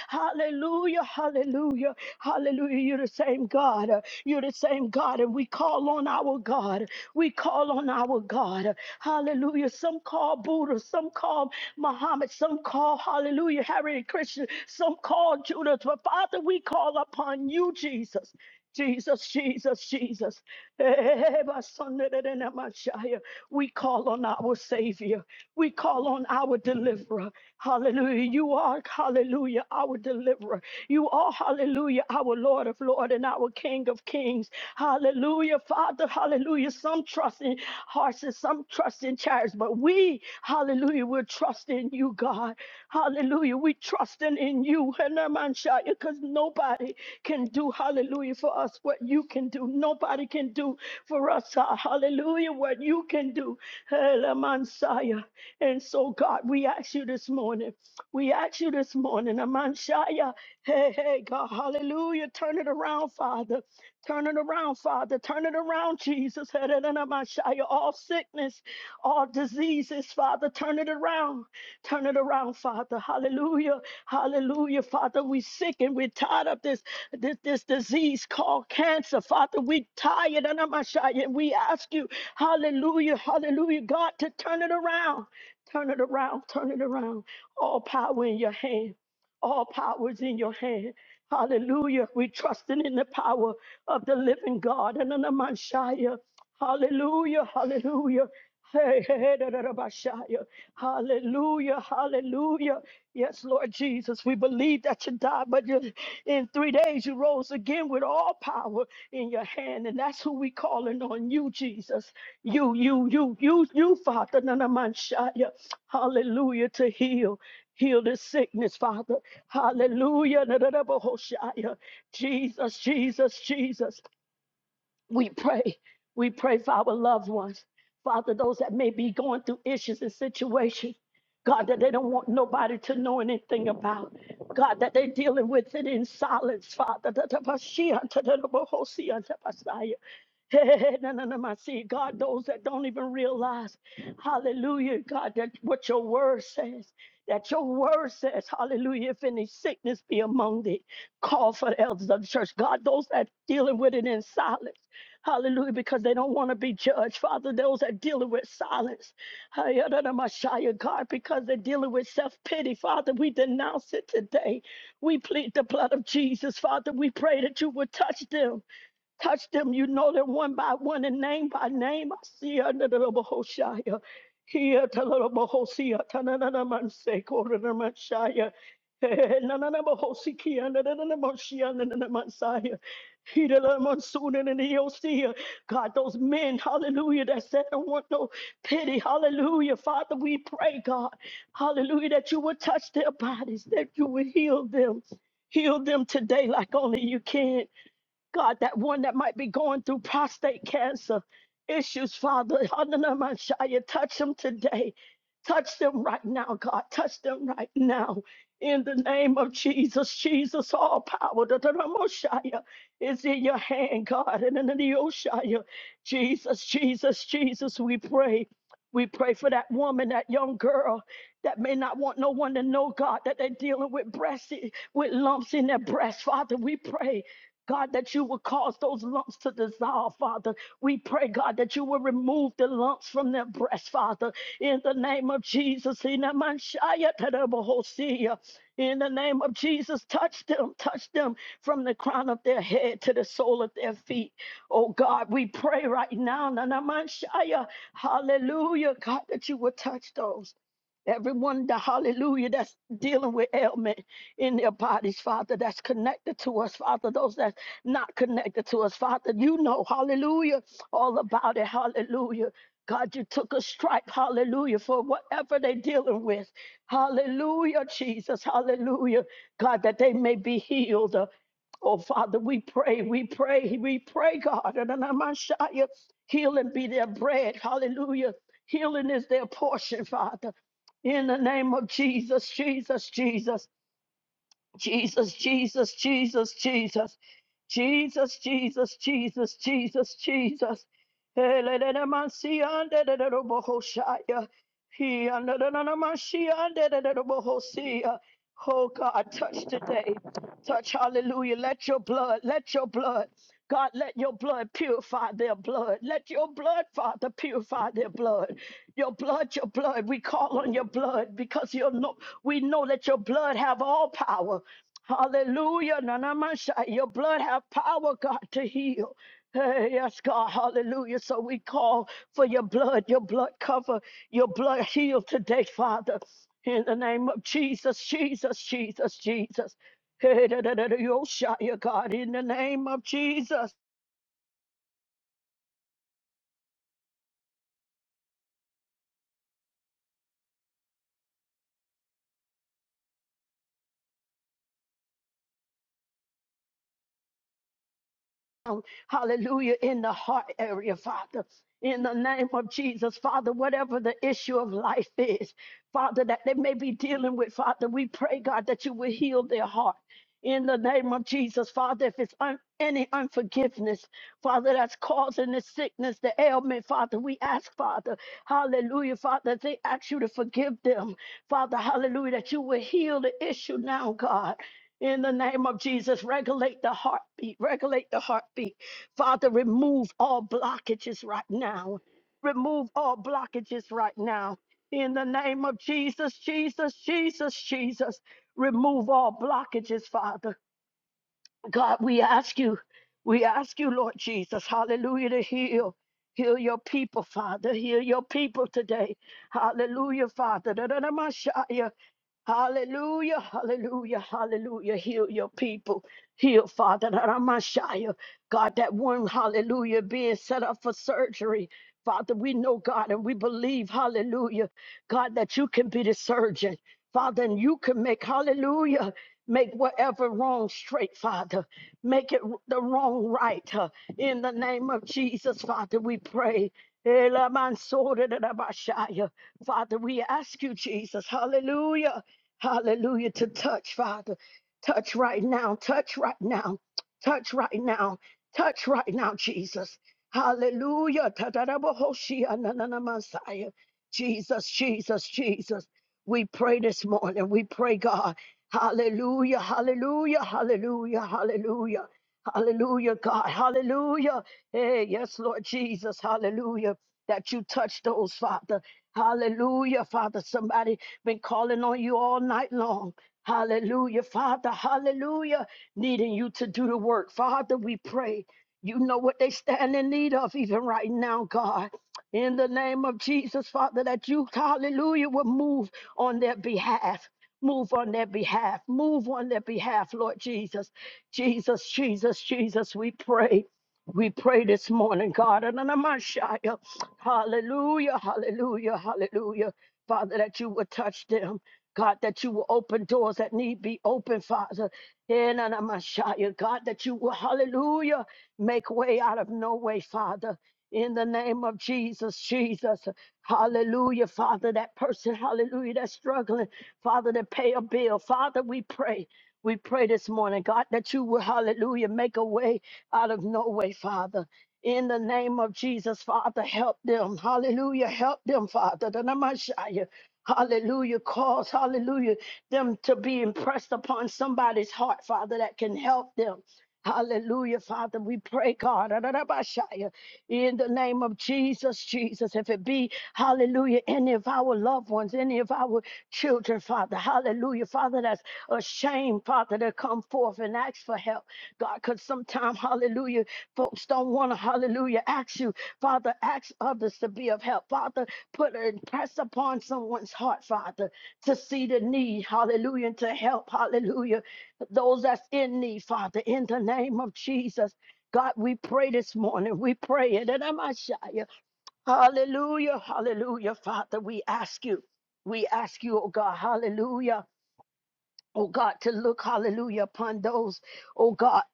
Hallelujah. Hallelujah. Hallelujah. You're the same God. You're the same God. And we call on our God. We call on our God. Hallelujah. Some call Buddha. Some call Muhammad. Some call, hallelujah, Harry Christian. Some called Judah, but Father, we call upon you, Jesus. Jesus, Jesus, Jesus. Eh, my son, da, da, my Shia. We call on our Savior. We call on our deliverer. Hallelujah. You are, hallelujah, our deliverer. You are, hallelujah, our Lord of Lords and our King of Kings. Hallelujah, Father, hallelujah. Some trust in horses, some trust in chariots, but we, hallelujah, we're trusting you, God. Hallelujah. We trusting in you, Hanamanshiah, because nobody can do, hallelujah, for us what you can do. Nobody can do for us, uh, hallelujah, what you can do, Hanamanshiah. And so, God, we ask you this morning. We ask you this morning, amanshaya. Hey, hey, God, hallelujah. Turn it around, Father. Turn it around, Father. Turn it around, Jesus. Hanamanshiah. All sickness, all diseases, Father, turn it around. Turn it around, Father. Hallelujah. Hallelujah. Father, we sick and we're tired of this, this, this disease called cancer. Father, we tired and I'm ashamed. And we ask you, hallelujah, hallelujah, God, to turn it around. Turn it around, turn it around. All power in your hand. All power is in your hand. Hallelujah. We trusting in the power of the living God. And I'm ashamed. Hallelujah, hallelujah. Hey, hey, hey, da, da, da, ba, shaya. Hallelujah. Hallelujah. Yes, Lord Jesus, we believe that you died, but you, in three days you rose again with all power in your hand. And that's who we calling on you, Jesus. You, you, you, you, you, Father. Nanamanshaya. Hallelujah to heal. Heal this sickness, Father. Hallelujah. Nananabahoshaya. Jesus, Jesus, Jesus. We pray. We pray for our loved ones. Father, those that may be going through issues and situations, God, that they don't want nobody to know anything about. God, that they're dealing with it in silence, Father. God, those that don't even realize, hallelujah, God, that what your word says, that your word says, hallelujah, if any sickness be among thee, call for the elders of the church. God, those that dealing with it in silence. Hallelujah, because they don't want to be judged. Father, those that are dealing with silence, Hayadadamashaya, God, because they're dealing with self pity. Father, we denounce it today. We plead the blood of Jesus. Father, we pray that you would touch them. Touch them, you know them one by one and name by name. I see under the Bohoshaya. Here, Talabohosia, Tananamansek, or Ramashaya. Nananabohosiki, under the Moshia, under the Mansaya. He the monsoon and the Osea. God, those men, hallelujah, that said, I don't want no pity, hallelujah. Father, we pray, God, hallelujah, that you would touch their bodies, that you would heal them. Heal them today like only you can. God, that one that might be going through prostate cancer issues, Father, Hananamashaya, touch them today. Touch them right now, God. Touch them right now. In the name of Jesus, Jesus, all power Dodoromoshaya, is in your hand, God. And in Jesus, Jesus, Jesus, we pray. We pray for that woman, that young girl that may not want no one to know, God, that they're dealing with breast, with lumps in their breast. Father, we pray God, that you will cause those lumps to dissolve, Father. We pray, God, that you will remove the lumps from their breast, Father. In the name of Jesus, in the Manshaya in the name of Jesus, touch them, touch them from the crown of their head to the sole of their feet. Oh God, we pray right now, Nana Manshaya, hallelujah, God, that you will touch those. Everyone, the hallelujah, that's dealing with ailment in their bodies, Father, that's connected to us, Father, those that not connected to us. Father, you know, hallelujah, all about it, hallelujah. God, you took a stripe, hallelujah, for whatever they're dealing with. Hallelujah, Jesus, hallelujah. God, that they may be healed. Uh, Oh, Father, we pray, we pray, we pray, God. And I'm Shia, healing be their bread, hallelujah. Healing is their portion, Father. In the name of Jesus, Jesus, Jesus. Jesus, Jesus, Jesus, Jesus, Jesus, Jesus, Jesus, Jesus, Jesus. Elelelemansiyandedededebohoshaya. Hiyandedededemasiyandedededebohosia. Oh God, touch today. Touch, hallelujah. Let your blood, let your blood, God, let your blood purify their blood. Let your blood, Father, purify their blood. Your blood, your blood. We call on your blood because you know we know that your blood have all power. Hallelujah. Nanamasha. Your blood have power, God, to heal. Hey, yes, God. Hallelujah. So we call for your blood, your blood cover, your blood heal today, Father. In the name of Jesus, Jesus, Jesus, Jesus. Hey, da, da, da, da, Yoshaya, God, in the name of Jesus. hallelujah, in the heart area, Father. In the name of Jesus, Father, whatever the issue of life is, Father, that they may be dealing with, Father, we pray, God, that you will heal their heart. In the name of Jesus, Father, if it's un- any unforgiveness, Father, that's causing the sickness, the ailment, Father, we ask, Father, hallelujah, Father, they ask you to forgive them, Father, hallelujah, that you will heal the issue now, God. In the name of Jesus, regulate the heartbeat, regulate the heartbeat. Father, remove all blockages right now. Remove all blockages right now. In the name of Jesus, Jesus, Jesus, Jesus, remove all blockages, Father. God, we ask you, we ask you, Lord Jesus, hallelujah, to heal. Heal your people, Father. Heal your people today. Hallelujah, Father. Da-da-da-ma-sha-ya. Hallelujah, hallelujah, hallelujah. Heal your people. Heal, Father, that God, that one, hallelujah, being set up for surgery. Father, we know God and we believe, hallelujah, God, that you can be the surgeon. Father, and you can make, hallelujah, make whatever wrong straight, Father. Make it w- the wrong right. uh, In the name of Jesus, Father, we pray. Elamansorerabashaya. Father, we ask you, Jesus, hallelujah. Hallelujah. To touch, Father. Touch right now. Touch right now. Touch right now. Touch right now, Jesus. Hallelujah. Ta-da-da-ba-ho-shia, na-na-na-masaya. Jesus, Jesus, Jesus. We pray this morning. We pray, God. Hallelujah. Hallelujah. Hallelujah. Hallelujah. Hallelujah, God. Hallelujah. Hey, yes, Lord Jesus. Hallelujah. That you touch those, Father. Hallelujah, Father. Somebody been calling on you all night long. Hallelujah, Father. Hallelujah. Needing you to do the work. Father, we pray. You know what they stand in need of even right now, God. In the name of Jesus, Father, that you, hallelujah, will move on their behalf. Move on their behalf. Move on their behalf, Lord Jesus. Jesus, Jesus, Jesus, we pray. We pray this morning, God. and I'm Hallelujah, hallelujah, hallelujah. Father, that you would touch them. God, that you will open doors that need be open, Father. In and I'm a God, that you will, hallelujah, make way out of no way, Father. In the name of Jesus, Jesus, hallelujah, Father, that person, hallelujah, that's struggling, Father, to pay a bill. Father, we pray, we pray this morning, God, that you will, hallelujah, make a way out of no way, Father. In the name of Jesus, Father, help them. Hallelujah. Help them, Father. The Namashaya. Hallelujah. Cause, hallelujah, them to be impressed upon somebody's heart, Father, that can help them. Hallelujah, Father. We pray, God, Ararabashaya, in the name of Jesus, Jesus. If it be, hallelujah, any of our loved ones, any of our children, Father, hallelujah, Father, that's ashamed, Father, to come forth and ask for help, God, because sometimes, hallelujah, folks don't want to, hallelujah, ask you, Father, ask others to be of help, Father, put and press upon someone's heart, Father, to see the need, hallelujah, and to help, hallelujah those that's in need, Father, in the name of Jesus. God, we pray this morning. We pray it. And I'm Ashaya. Hallelujah. Hallelujah. Father, we ask you. We ask you, oh God, hallelujah. Oh God, to look, hallelujah, upon those, oh God.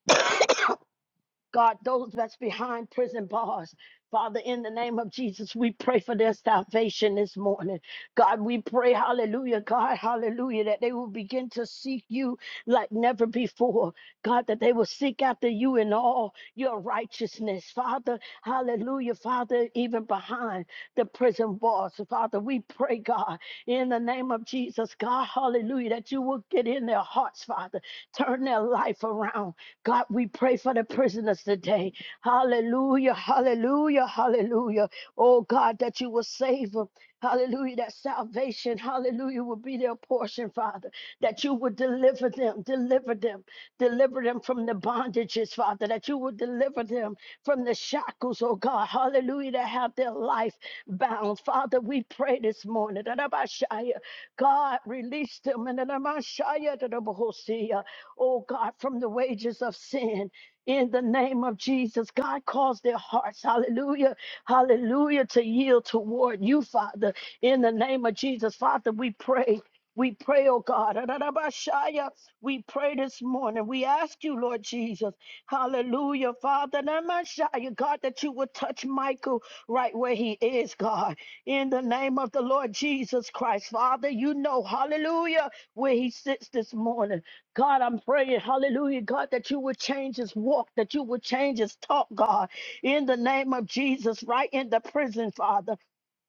God, those that's behind prison bars. Father, in the name of Jesus, we pray for their salvation this morning. God, we pray, hallelujah, God, hallelujah, that they will begin to seek you like never before. God, that they will seek after you in all your righteousness. Father, hallelujah, Father, even behind the prison bars. Father, we pray, God, in the name of Jesus, God, hallelujah, that you will get in their hearts, Father, turn their life around. God, we pray for the prisoners today. Hallelujah, hallelujah, hallelujah. Oh God, that you will save them. Hallelujah, that salvation, hallelujah, will be their portion, Father. That you will deliver them, deliver them, deliver them from the bondages, Father. That you will deliver them from the shackles, oh God. Hallelujah, that have their life bound. Father, we pray this morning. that Abashaya, God, release them. And that Abashaya, that Abahosea oh God, from the wages of sin. In the name of Jesus, God calls their hearts, hallelujah, hallelujah, to yield toward you, Father. In the name of Jesus, Father, we pray. We pray, oh God. Ararabashaya. We pray this morning. We ask you, Lord Jesus. Hallelujah, Father. Namashaya, God, that you would touch Michael right where he is, God. In the name of the Lord Jesus Christ, Father, you know, hallelujah, where he sits this morning. God, I'm praying, hallelujah, God, that you would change his walk, that you would change his talk, God, in the name of Jesus, right in the prison, Father.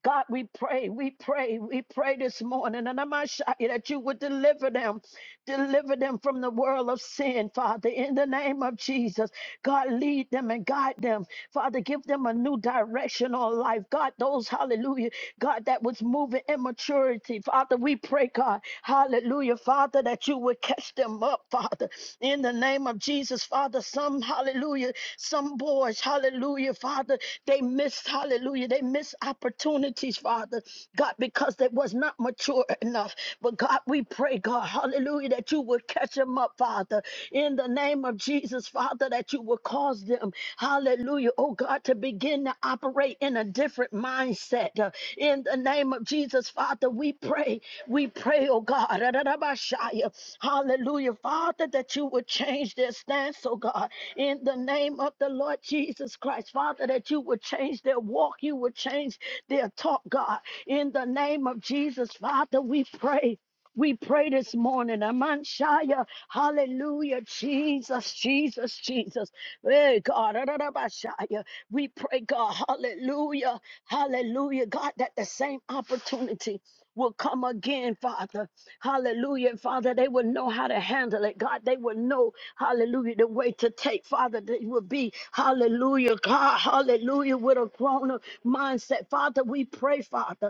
God, we pray, we pray, we pray this morning, and I'm asking that you would deliver them. Deliver them from the world of sin, Father, in the name of Jesus. God, lead them and guide them. Father, give them a new direction on life. God, those, hallelujah, God, that was moving in maturity. Father, we pray, God, hallelujah, Father, that you would catch them up, Father, in the name of Jesus, Father. Some, hallelujah, some boys, hallelujah, Father, they missed, hallelujah, they missed opportunities, Father, God, because they was not mature enough. But God, we pray, pray, God, hallelujah, that you would catch them up, Father, in the name of Jesus, Father, that you would cause them, hallelujah, oh God, to begin to operate in a different mindset. Uh, In the name of Jesus, Father, we pray, we pray, oh God, Ra-ra-ra-ba-shia. hallelujah, Father, that you would change their stance, oh God, in the name of the Lord Jesus Christ, Father, that you would change their walk, you would change their talk, God, in the name of Jesus, Father, we pray. We pray this morning, Amanshaya, hallelujah, Jesus, Jesus, Jesus. Hey, God, Adarabashaya. we pray, God, hallelujah, hallelujah, God, that the same opportunity will come again, Father, hallelujah, Father, they will know how to handle it, God, they will know, hallelujah, the way to take, Father, they will be, hallelujah, God, hallelujah, with a grown up mindset, Father, we pray, Father.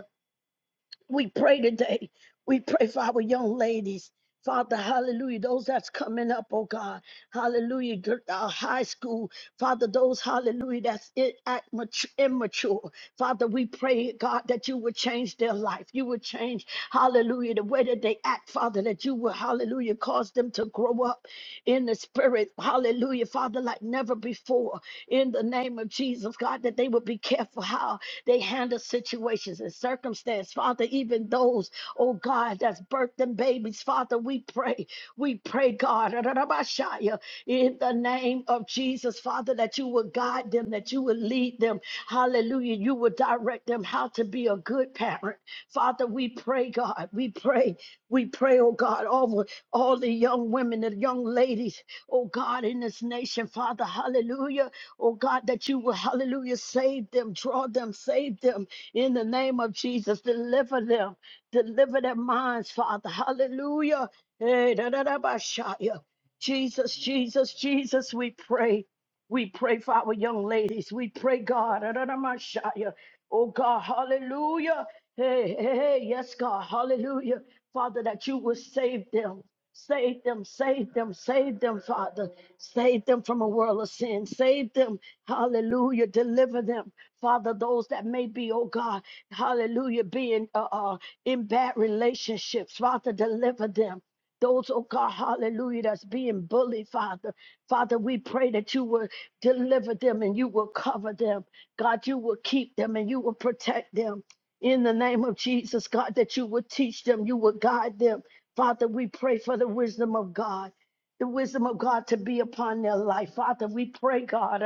We pray today. We pray for our young ladies. Father, hallelujah, those that's coming up, oh God, hallelujah, gr- uh, high school, Father, those, hallelujah, that's i- at mat- immature. Father, we pray, God, that you would change their life. You would change, hallelujah, the way that they act, Father, that you would, hallelujah, cause them to grow up in the spirit, hallelujah, Father, like never before, in the name of Jesus apostles, God, that they would be careful how they handle situations and circumstance. Father, even those, oh God, that's birthed them babies, Father, we pray, we pray, God, in the name of Jesus, Father, that you would guide them, that you would lead them. Hallelujah. You would direct them how to be a good parent. Father, we pray, God, we pray, we pray, oh God, over all the young women and young ladies, oh God, in this nation, Father, hallelujah. Oh God, that you will, hallelujah, save them, draw them, save them in the name of Jesus. Deliver them, deliver their minds, Father. Hallelujah. Hey, da, da, da, ba, shaya. Jesus, Jesus, Jesus, we pray. We pray for our young ladies. We pray, God. Adonamashaya. Oh, God, hallelujah. Hey, hey, hey, yes, God, hallelujah. Father, that you will save them. Save them, save them, save them, Father. Save them from a world of sin. Save them, hallelujah. Deliver them, Father, those that may be, oh God, hallelujah, being uh, uh, in bad relationships. Father, deliver them. Those, oh God, hallelujah, that's being bullied, Father. Father, we pray that you will deliver them and you will cover them. God, you will keep them and you will protect them. In the name of Jesus, God, that you will teach them, you will guide them. Father, we pray for the wisdom of God, the wisdom of God to be upon their life. Father, we pray, God.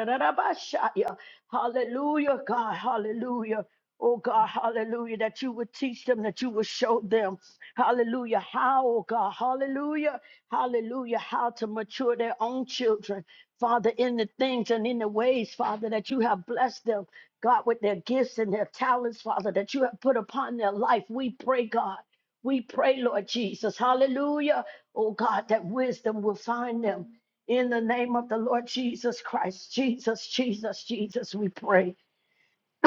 Hallelujah, God, hallelujah. Oh God, hallelujah, that you would teach them, that you would show them. Hallelujah. How, oh God, hallelujah. Hallelujah. How to mature their own children. Father, in the things and in the ways, Father, that you have blessed them, God, with their gifts and their talents, Father, that you have put upon their life. We pray, God. We pray, Lord Jesus. Hallelujah. Oh God, that wisdom will find them. In the name of the Lord Jesus Christ, Jesus, Jesus, Jesus, we pray.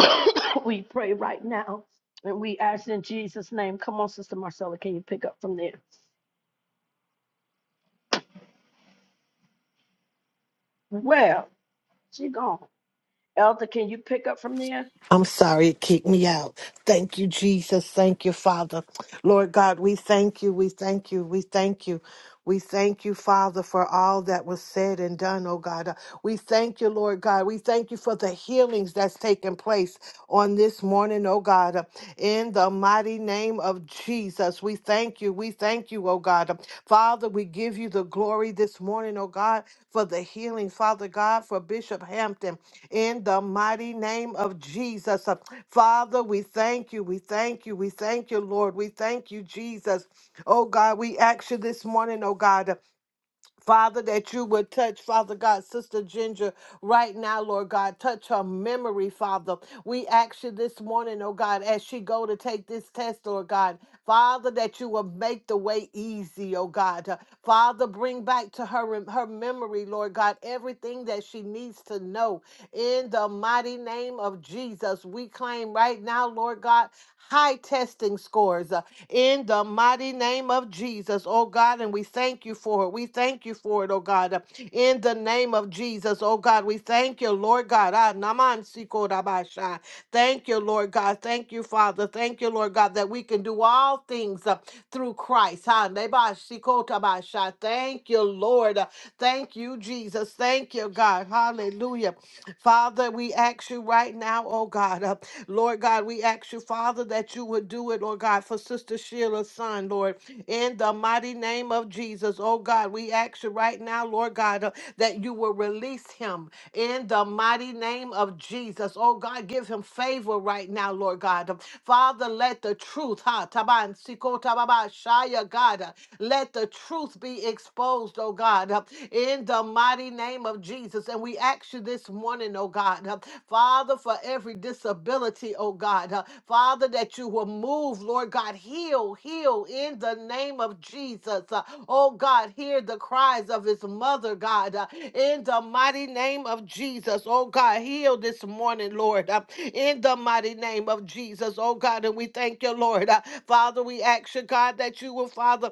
we pray right now and we ask in Jesus' name. Come on, Sister Marcella, can you pick up from there? Well, she gone. Elder, can you pick up from there? I'm sorry it kicked me out. Thank you, Jesus. Thank you, Father. Lord God, we thank you. We thank you. We thank you. We thank you, Father, for all that was said and done, oh God. Uh, We thank you, Lord God. We thank you for the healings that's taken place on this morning, oh God. Uh, In the mighty name of Jesus. We thank you. We thank you, oh God. Father, we give you the glory this morning, oh God, for the healing, Father God, for Bishop Hampton, in the mighty name of Jesus. Uh, Father, we thank you. We thank you. We thank you, Lord. We thank you, Jesus. Oh God, we ask you this morning, oh God. Father, that you would touch, Father God, Sister Ginger, right now, Lord God, touch her memory, Father. We ask you this morning, oh God, as she go to take this test, Lord God, Father, that you will make the way easy, oh God. Uh, Father, bring back to her her memory, Lord God, everything that she needs to know. In the mighty name of Jesus, we claim right now, Lord God, high testing scores. Uh, in the mighty name of Jesus, oh God. And we thank you for it. We thank you for it, oh God. In the name of Jesus, oh God, we thank you, Lord God. Ah, naman siko rabasha. Thank you, Lord God. Thank you, Father. Thank you, Lord God, that we can do all things uh, through Christ. Ah, neba siko tabasha. Thank you, Lord. Thank you, Jesus. Thank you, God. Hallelujah. Father, we ask you right now, oh oh God. Uh, Lord God, we ask you, Father, that you would do it, Lord God, for Sister Sheila's son, Lord, in the mighty name of Jesus. Oh God, we ask you right now, Lord God, uh, that you will release him in the mighty name of Jesus. Oh God, give him favor right now, Lord God. Um, Father, let the truth, ha, taban, siko, tababa, shaya, God, uh, let the truth be exposed, oh God, uh, in the mighty name of Jesus. And we ask you this morning, oh God, uh, Father, for every disability, oh God, uh, Father, that you will move, Lord God, heal, heal in the name of Jesus. Uh, oh God, hear the cries of his mother, God, uh, in the mighty name of Jesus. Oh God, heal this morning, Lord, uh, in the mighty name of Jesus. Oh God, and we thank you, Lord. Uh, Father, we ask you, God, that you will, Father,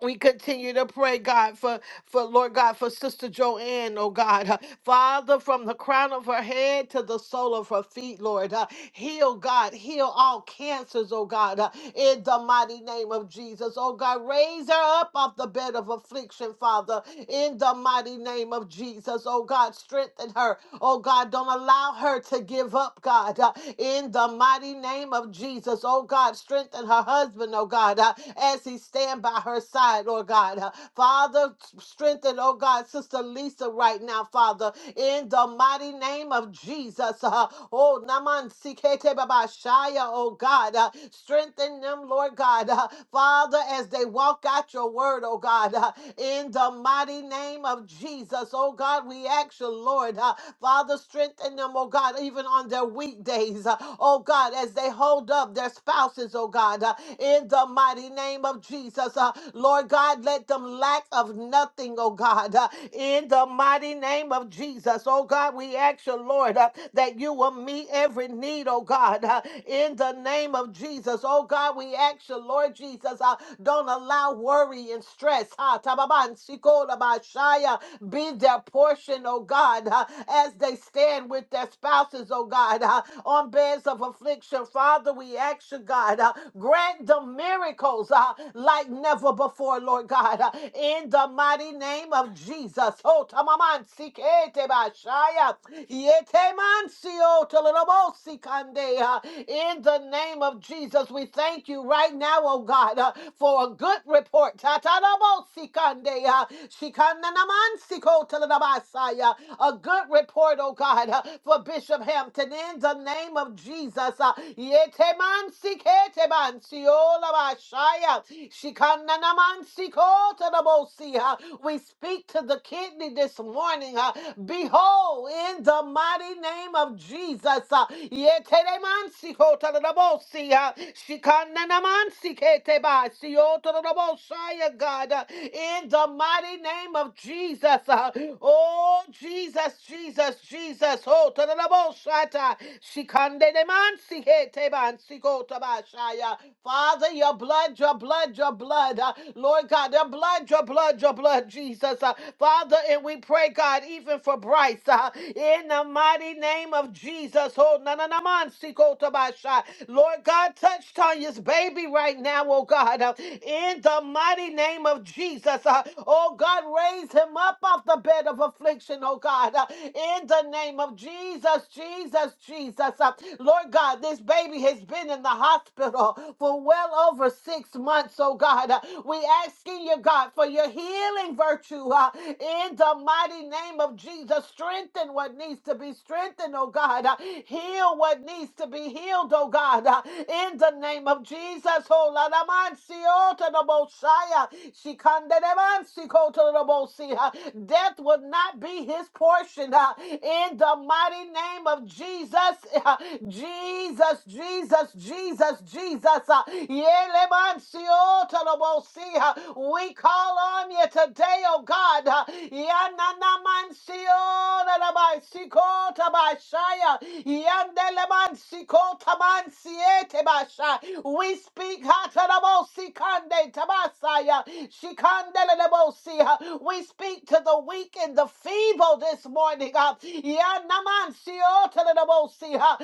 we continue to pray, God, for, for Lord God, for Sister Joanne, oh God. Uh, Father, from the crown of her head to the sole of her feet, Lord. Uh, heal, God. Heal all cancers, oh God, uh, in the mighty name of Jesus. Oh God, raise her up off the bed of affliction, Father, in the mighty name of Jesus. Oh God, strengthen her. Oh God, don't allow her to give up, God, uh, in the mighty name of Jesus. Oh God, strengthen her husband, oh God, uh, as he stands by by her side, Lord God. Uh, Father, strengthen, oh God, Sister Lisa right now, Father, in the mighty name of Jesus. Uh, oh, Naman Sikete Baba Shaya, oh God, uh, strengthen them, Lord God. Uh, Father, as they walk out your word, oh God, uh, in the mighty name of Jesus, oh God, we ask you, Lord, uh, Father, strengthen them, oh God, even on their weekdays, uh, oh God, as they hold up their spouses, oh God, uh, in the mighty name of of Jesus. Uh, Lord God, let them lack of nothing, oh God, uh, in the mighty name of Jesus. Oh God, we ask you, Lord, uh, that you will meet every need, oh God, uh, in the name of Jesus. Oh God, we ask you, Lord Jesus, uh, don't allow worry and stress. Ha, tababan, sikolabashaya, be their portion, oh God, uh, as they stand with their spouses, oh God, uh, on beds of affliction. Father, we ask you, God, uh, grant them miracles souls uh, like never before, Lord God. uh, in the mighty name of Jesus. Oh, tamaman sikete bashaya. Yete mansio tolobo sikande. uh, In the name of Jesus, we thank you right now, oh God, uh, for a good report. Tatalobo sikande. uh, shikananaman siko tolobasaya. A good report, oh God, uh, for Bishop Hampton. In the name of Jesus. uh, Yete man sikete bansiola Shaya. Shikananamansikotanabosia. We speak to the kidney this morning. uh, Behold, in the mighty name of Jesus. uh, yeteremansikotanabosia. Shikananamansiketebasiotanaboshaya, God, uh, in the mighty name of Jesus. uh, Oh, Jesus, Jesus, Jesus. Oh, tanaboshata. Shikandenemansikete- Teban, Siko, Tabashaya. Father, your blood, your blood, your blood. uh, Lord God, your blood, your blood, your blood, Jesus. uh, Father, and we pray, God, even for Bryce, uh, in the mighty name of Jesus. Oh, na na na man, siko tabasha. Lord God, touch Tanya's baby right now, oh God, uh, in the mighty name of Jesus. uh, Oh God, raise him up off the bed of affliction, oh God, uh, in the name of Jesus, Jesus, Jesus. uh, Lord God, this baby has been in the hospital now for well over six months, oh God. Uh, We asking you, God, for your healing virtue uh, in the mighty name of Jesus. Strengthen what needs to be strengthened, oh God. Uh, Heal what needs to be healed, oh God. Uh, In the name of Jesus, oh la la man, si, oh, to the Messiah. She can de de man, si, ko, to the Messiah. Death will not be his portion. uh, In the mighty name of Jesus, Jesus, Jesus, Jesus, Jesus, Jesus, Jesus. uh, Yelemansiotolobosia. We call on you today, oh God. uh, Yananamansiolalabaisikotabashaya. Yandelemansikotamansietabasha. We speak hatalabosikande tabasaya. Shikandelelebosia. we speak to the weak and the feeble this morning. uh, Yanamansio- Behold,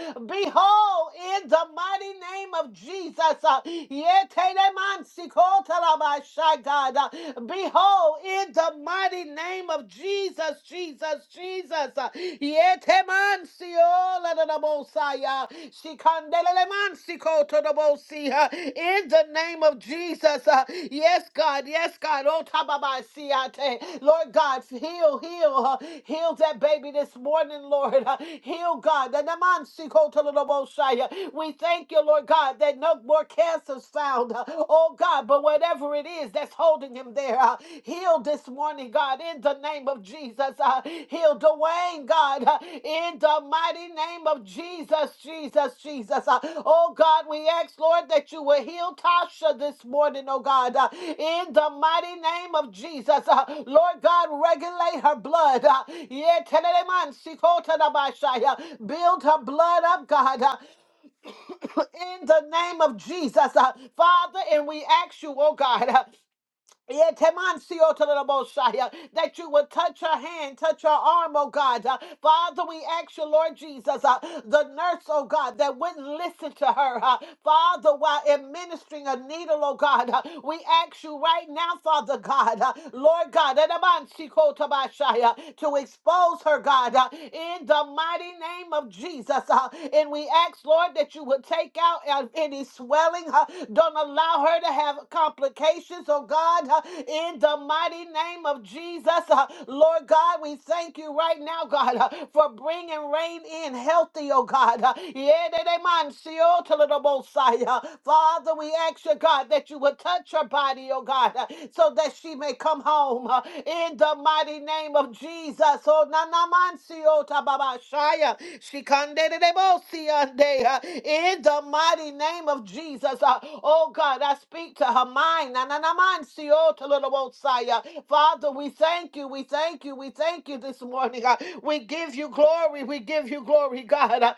in the mighty mighty name of Jesus. Uh, yeteremansikotolabashai, God. Uh, Behold, in the mighty name of Jesus, Jesus, Jesus. uh, yetemansiolalalabosai, uh, shikandelelemansikotolobosi, uh, In the name of Jesus. uh, Yes, God. Yes, God. Oh, tababasiate. Lord God, heal, heal, uh, heal that baby this morning, Lord. Uh, Heal, God. The namansikotodoboshai. We thank you, Lord God, that no more cancer's found. uh, Oh God, but whatever it is that's holding him there, uh, heal this morning, God, in the name of Jesus. Uh, heal Dwayne, God, uh, in the mighty name of Jesus, Jesus, Jesus. Uh, oh God, we ask, Lord, that you will heal Tasha this morning, oh God, uh, in the mighty name of Jesus. Uh, Lord God, regulate her blood. Uh, yeah, tenere man, sikota da bashaya. build her blood up, God. uh, in the name of Jesus, uh, Father, and we ask you, oh God. uh, yeah, Temancio to the Mosai, uh, That you would touch her hand, touch her arm, oh God. Uh, Father, we ask you, Lord Jesus, uh, the nurse, oh God, that wouldn't listen to her. uh, Father, while administering a needle, oh God, uh, we ask you right now, Father God, uh, Lord God, Edamansico to Bashai, uh, to expose her, God, uh, in the mighty name of Jesus. Jesus. uh, and we ask, Lord, that you would take out uh, any swelling. uh, don't allow her to have complications, oh God, uh, in the mighty name of Jesus. uh, Lord God, we thank you right now, God, uh, for bringing rain in healthy, oh God. uh, Father, we ask you, God, that you would touch her body, oh God, uh, so so that she may come home uh, in the mighty name of Jesus. Oh, nanamancio tababashaya, shikandedebosiande, uh, In the mighty name of Jesus. uh, Oh God, I speak to her mind. nananamancio tololobosaya. Father, we thank you. We thank you. We thank you this morning. uh, We give you glory. We give you glory, God. Uh,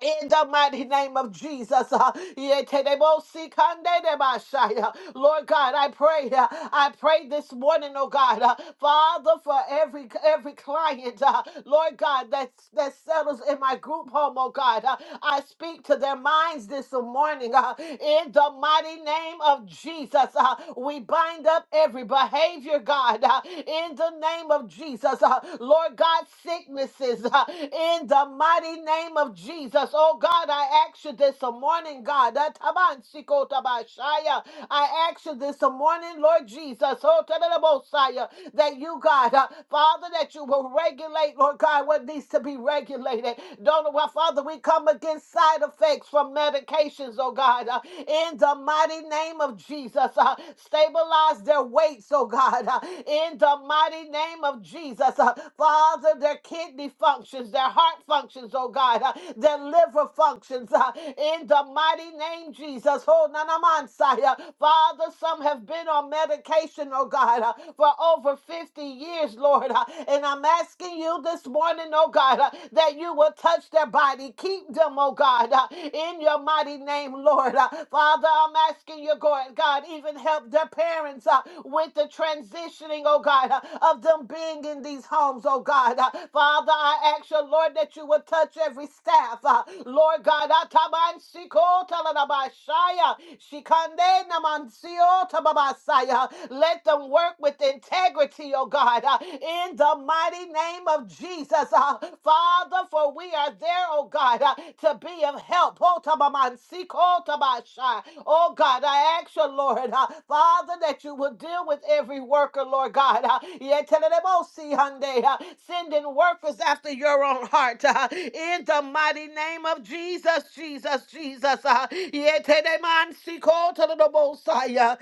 in the mighty name of Jesus, uh, yetenebosikandedebashaya. Lord God, I pray, uh, I pray this morning, oh God, uh, Father, for every every client, uh, Lord God, that that settles in my group home, oh God, uh, I speak to their minds this morning. uh, in the mighty name of Jesus, uh, we bind up every behavior, God, uh, in the name of Jesus. Jesus. Uh, Lord God, sicknesses uh, in the mighty name of Jesus. Oh God, I ask you this morning, God. Uh, Taban Shiko Tabashaya. I ask you this morning, Lord Jesus. Oh, Tadadabosaya, that you, God, uh, Father, that you will regulate, Lord God, what needs to be regulated. Don't know why, Father, we come against side effects from medications, oh God, uh, in the mighty name of Jesus. Jesus. Uh, stabilize their weights, oh God, uh, in the mighty name of Jesus. Uh, Father, their kidney functions, their heart functions, oh God, uh, their liver functions, uh, in the mighty name Jesus. Oh, Nanamansaya. Father, some have been on medication, oh God, uh, for over 50 years, Lord. uh, and I'm asking you this morning, oh God, uh, that you will touch their body. Keep them, them, oh God, uh, in your mighty name, Lord. Uh, Father, I'm asking you, God, God, even help their parents uh, with the transitioning, oh God, uh, of them being in these homes, oh God. Uh, Father, I ask you, Lord, that you would touch every staff. uh, Lord God, Ataban Shiko Talanabashaya, Shikande Namansio Tababasaya. let them work with integrity, oh God, uh, in the mighty name of Jesus. Uh, Father, for we are there, oh God, uh, to be of help. Oh, oh, Oh, God, I ask you, Lord, uh, Father, that you will deal with every worker, Lord God. Uh, yetelelebosi, hande, uh, Sending workers after your own heart. uh, In the mighty name of Jesus, Jesus, Jesus. uh, yetelemansiko, telelebosai, uh,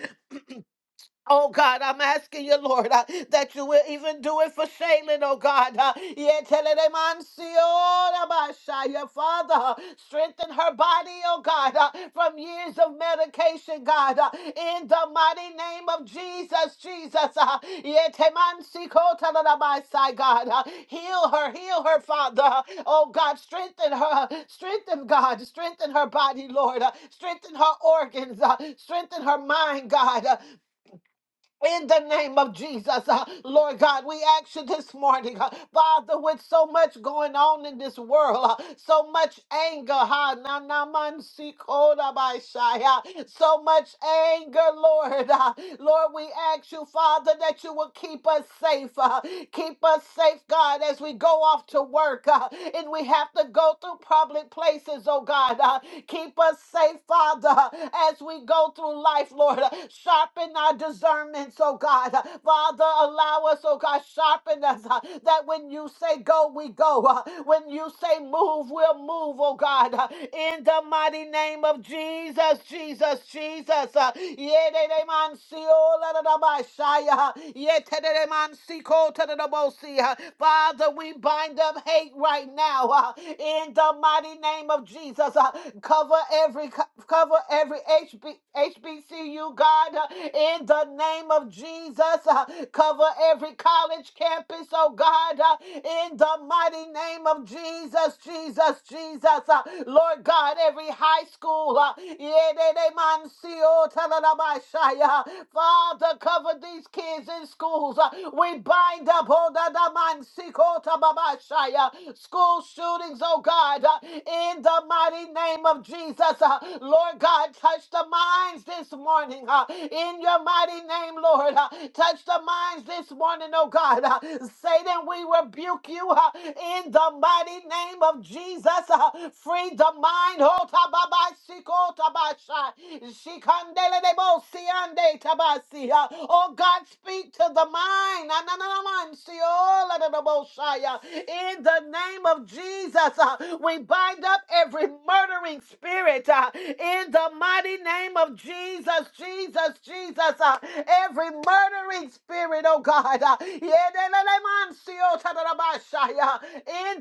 Oh God, I'm asking you, Lord, uh, that you will even do it for Shaylin, oh God. Uh, yeah, tell it, amen, see, oh, Rabbi Shaya. Father, uh, strengthen her body, oh God, uh, from years of medication, God. uh, in the mighty name of Jesus, Jesus. Uh, yeah, teman see, ko, tell it, Rabbi Shai, God. Uh, heal her, heal her, Father. Uh, oh God, strengthen her, strengthen God, strengthen her body, Lord. Uh, strengthen her organs, uh, strengthen her mind, God. Uh, in the name of Jesus, uh, Lord God, we ask you this morning, uh, Father, with so much going on in this world, uh, so much anger, ha, na, na, man, si, ko, da, ba, sha, ya, so much anger, Lord. uh, Lord, we ask you, Father, that you will keep us safe. uh, keep us safe, God, as we go off to work uh, and we have to go through public places, oh God. uh, keep us safe, Father, as we go through life, Lord. uh, sharpen our our discernments, oh God. Uh, Father, allow us, oh God, sharpen us uh, that when you say go, we go. Uh, When you say move, we'll move, oh God. Uh, In the mighty name of Jesus, Jesus, Jesus. Uh, yededeman sio ladadabashai, uh, yetededeman siko tadadabosi, uh, Father, we bind up hate right now. uh, In the mighty name of Jesus, Uh, cover every cover every HB, HBCU God. God, in the name of Jesus. Uh, Cover every college campus, oh God, uh, in the mighty name of Jesus, Jesus, Jesus. Uh, Lord God, every high school, uh, Yededemansiotalalabashaya. Father, cover these kids in schools. Uh, We bind up Odadamansikota school shootings, oh God, uh, in the mighty name of Jesus. Uh, Lord God, touch the minds this morning morning uh, in your mighty name, Lord. uh, Touch the minds this morning, oh God. uh, Satan, we rebuke you uh, in the mighty name of Jesus. uh, Free the mind. Oh, tababai, siko, tabashai, tabasi, uh, Oh God, speak to the mind. na, na, uh, In the name of Jesus, uh, we bind up every murdering spirit uh, in the mighty name of of Jesus, Jesus, Jesus, uh, every murdering spirit, oh God, uh, in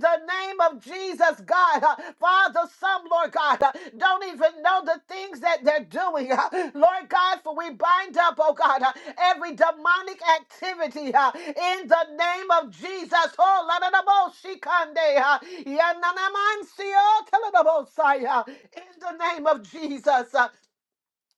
the name of Jesus, God, uh, Father, some, Lord God, uh, don't even know the things that they're doing, uh, Lord God, for we bind up, oh God, uh, every demonic activity uh, in the name of Jesus, oh, la da da bo shikande, uh, ya na na man si, oh, tell it about, Messiah, in the name of Jesus. uh,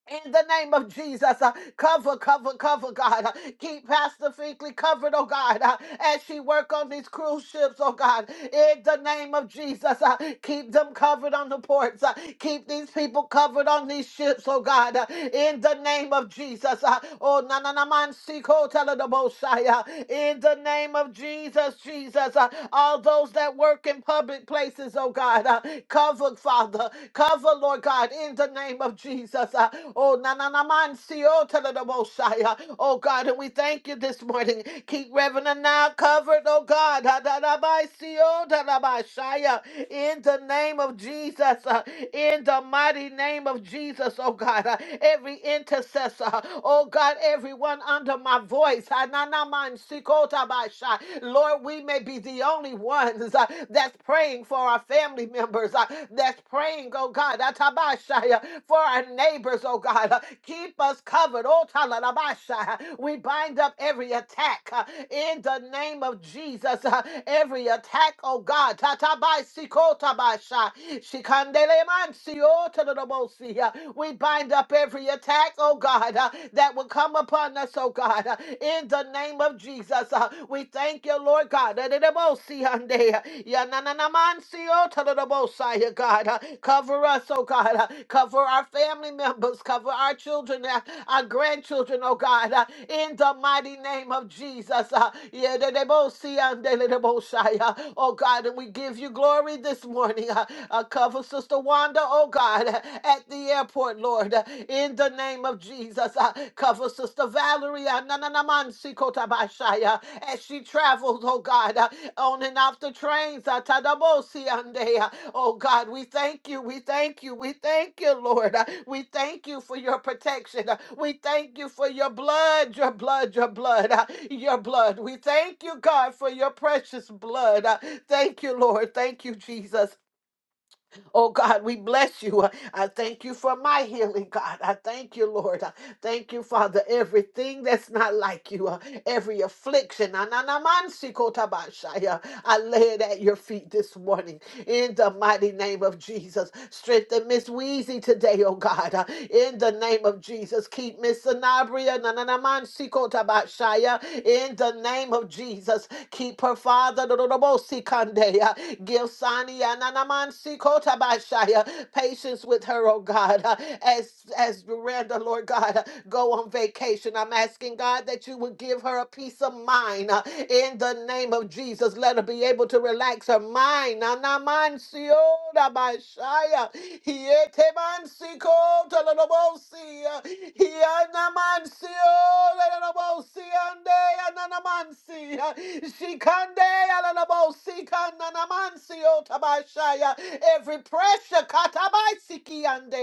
in the name of Jesus, uh, cover, cover, cover, God. Uh, keep Pastor Finkley covered, oh God, uh, as she work on these cruise ships, oh God. In the name of Jesus, uh, keep them covered on the ports. uh, keep these people covered on these ships, oh God. Uh, in the name of Jesus, uh, oh na na na man siko tala da bosai, uh, In the name of Jesus, Jesus, uh, all those that work in public places, oh God, uh, Cover, Father. Cover, Lord God, in the name of Jesus. Uh, Oh, na na na man si, oh, tele de Mosiah. Oh, God, and we thank you this morning. Keep Reverend now covered, oh God. Ha, da, da, ba, si, oh, da, da, ba, Shia. In the name of Jesus. uh, In the mighty name of Jesus, oh God. Uh, Every intercessor, oh God, everyone under my voice. ha, na na man si, ko, ta, ba, Shia. Lord, we may may be the only ones uh, that's praying for our family members, uh, that's praying, oh God, atabashaya, for our neighbors, oh God. Uh, Keep us covered. oh talalabashaya. We bind up every attack uh, in the name of Jesus. uh, Every attack, oh God. tatabasikotabasha, shikandelemansiotodobosi, uh, We bind up every attack, oh God, uh, that will come upon us, oh God. God, uh, in the name of Jesus. uh, We thank you, Lord God. that it see on day, uh, yeah, na- na- na- man, see, oh, to the most high, uh, God, uh, cover us, oh God, uh, cover our family members, cover our children, uh, our grandchildren, oh God, uh, in the mighty name of Jesus. uh, yeah, they both see on day, they both shy, uh, Oh God, and we give you glory this morning. uh, uh, Cover Sister Wanda, oh God, uh, at the airport, Lord, Lord, uh, in the name of Jesus. Uh, Cover Sister Valerie uh, na- na- na- man, si kota bashai, uh, as she travels, oh God, uh, on and off the trains. uh, tadabosi ande, uh, Oh God, we thank you, we thank you, we thank you, Lord. Uh, We thank you for your protection. Uh, We thank you for your blood, your blood, your blood, uh, your blood. We thank you, God, for your precious blood. Uh, Thank you, Lord. Thank you, Jesus. Oh God, we bless you. I thank you for my healing, God. I thank you, Lord. I thank you, Father. Everything that's not like you, uh, every affliction, na- na- na- man- si- ko- ta- ba- shai, uh, I lay it at your feet this morning in the mighty name of Jesus. Strengthen Miss Wheezy today, oh God, uh, in the name of Jesus. Keep Miss Sanabria, na- na- na- man- si- ko- ta- ba- shai, uh, in the name of Jesus deeper, Father. Dododobosikandeya. Give Sania Nanamansikotabashaya patience with her, oh God, uh, as as Miranda, Lord God, uh, go on vacation. I'm asking God that you would give her a peace of mind uh, in the name of Jesus. Let her be able to relax her mind. Nanamansiyodabashaya. Hietemansikotololobosi, uh, Yanama- Nancy, oh, Lalabosi, and they, Ananamansi, Shikande, Alalabosi, Kananamansi, oh, Tabashaya, every pressure, Katabaisiki, and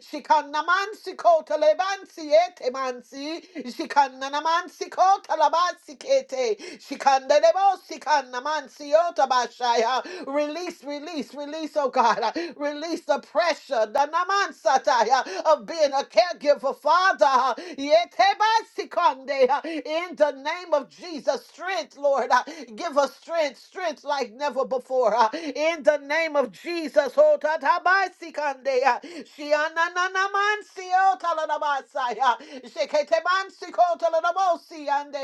Shikanamansi, Kotalebansi, Etemansi, Shikananamansi, Kotalabasi, Kete, Shikandebosi, Kanamansi, oh, Tabashaya, release, release, release, oh God, release the pressure the Namansataya of being a caregiver, Father. Yetebasikonde, uh, In the name of Jesus, strength, Lord. uh, Give us strength, strength like never before. uh, In the name of Jesus, oh, tatabasikande, uh, shianananamansi, oh, talanabasaya, sheketebansiko, talanabosi, ande,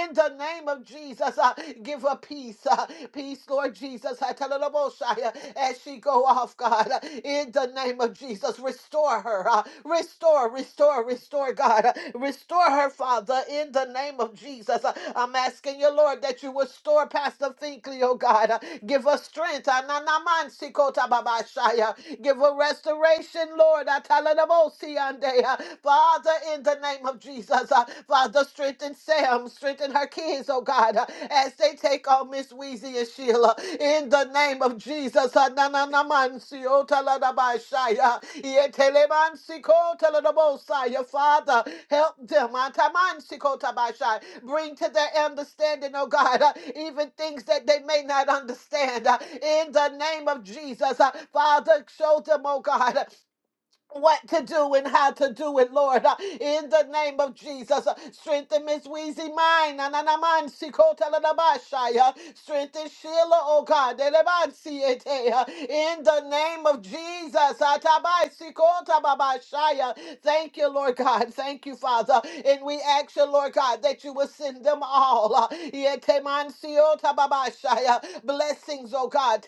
in the name of Jesus, uh, give her peace. uh, Peace, Lord Jesus. I tell Hatalalaboshaya. As she go off, God, uh, in the name of Jesus, restore her. uh, Restore, restore, restore, God. uh, Restore her, Father, in the name of Jesus. Uh, I'm asking you, Lord, that you restore Pastor Finkley, oh God. Uh, Give us strength. uh, na na man si Ananamansikota Give her restoration, Lord. I tell Atalanabosiande. Uh, Father, in the name of Jesus. uh, Father, strengthen Sam, strengthen her kids, oh God, uh, as they take on Miss Weezy and Sheila. In the name of Jesus, uh, na- na- na- man, si- oh, ta- la- da- ba- shai, uh, ye- te- le- man, si- ko- ta- la- da- bo- sai, uh, Father, help them. uh, ta- man, si- ko- ta- ba- shai. Bring to their understanding, oh God, uh, even things that they may not understand. uh, In the name of Jesus, uh, Father, show them, oh God, what to do and how to do it, Lord. Uh, In the name of Jesus, uh, strengthen Miss Weezy mine. na, na, na, man, si, ko, ta, la, la, ba, shi, uh, Strengthen Sheila, oh God. de, le, ba, si, eh, te, uh, In the name of Jesus. ah, ta, ba, si, ko, ta, ba, ba, shi, uh, Thank you, Lord God. Thank you, Father. And we ask you, Lord God, that you will send them all. uh, ye, te, man, si, oh, ta, ba, ba, shi, uh, Blessings, oh God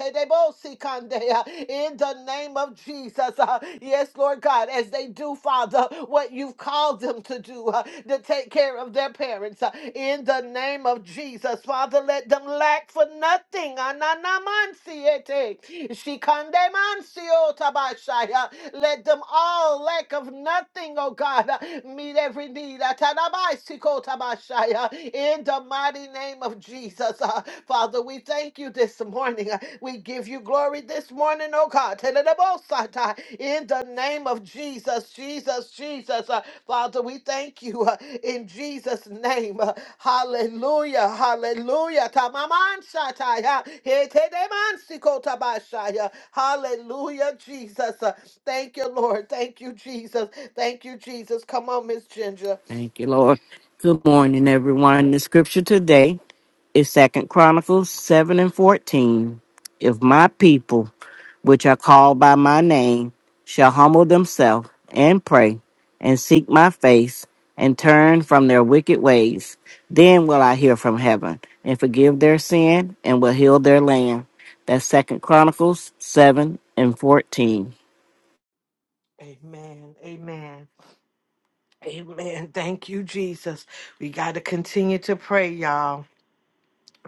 in the name of Jesus. uh, Yes, Lord God, as they do, Father, what you've called them to do uh, to take care of their parents uh, in the name of Jesus. Father, let them lack for nothing. Ananamansiete, shikandemansio tabashaya. Let them all lack of nothing, oh God. uh, Meet every need. Atanabaisiko tabashaya. In the mighty name of Jesus. Uh, Father, we thank you this morning. Uh, we give you glory this morning, oh God. Telelebosata. In the name of Jesus, Jesus, Jesus. Uh, Father, we thank you uh, in Jesus' name. Uh, hallelujah, hallelujah. Tamamansataya. Hetedemansikotabashaya. Hallelujah, Jesus. Uh, thank you, Lord. Thank you, Jesus. Thank you, Jesus. Come on, Miss Ginger. Thank you, Lord. Good morning, everyone. The scripture today is Second Chronicles 7 and 14. If my people, which are called by my name, shall humble themselves and pray and seek my face and turn from their wicked ways, then will I hear from heaven and forgive their sin and will heal their land. That's Second Chronicles 7 and 14. Amen. Amen. Amen. Thank you, Jesus. We got to continue to pray, y'all.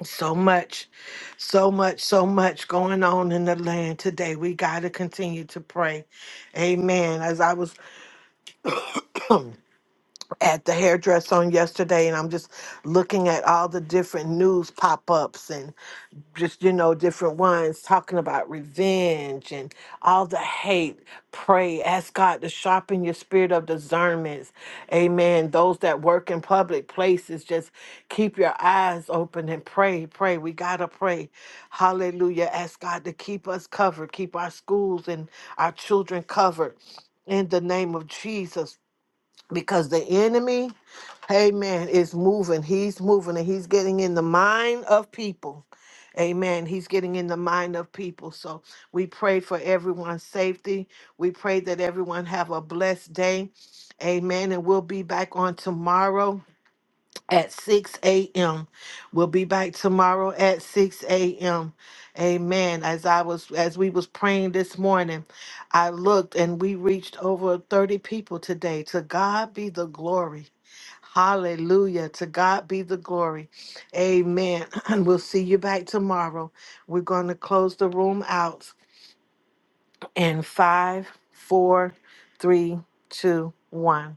So much, so much, so much going on in the land today. We got to continue to pray. Amen. As I was at the hairdresser on yesterday and I'm just looking at all the different news pop-ups and just you know different ones talking about revenge and all the hate pray ask god to sharpen your spirit of discernment, amen those that work in public places just keep your eyes open and pray pray we gotta pray hallelujah ask god to keep us covered keep our schools and our children covered in the name of jesus because the enemy, amen, is moving. He's moving and he's getting in the mind of people. Amen. He's getting in the mind of people. So we pray for everyone's safety. We pray that everyone have a blessed day. Amen. And we'll be back on tomorrow at 6 a.m. We'll be back tomorrow at 6 a.m. Amen. As I was as we was praying this morning, I looked and we reached over 30 people today. To God be the glory. Hallelujah. To God be the glory. Amen. And we'll see you back tomorrow. We're going to close the room out in five, four, three, two, one.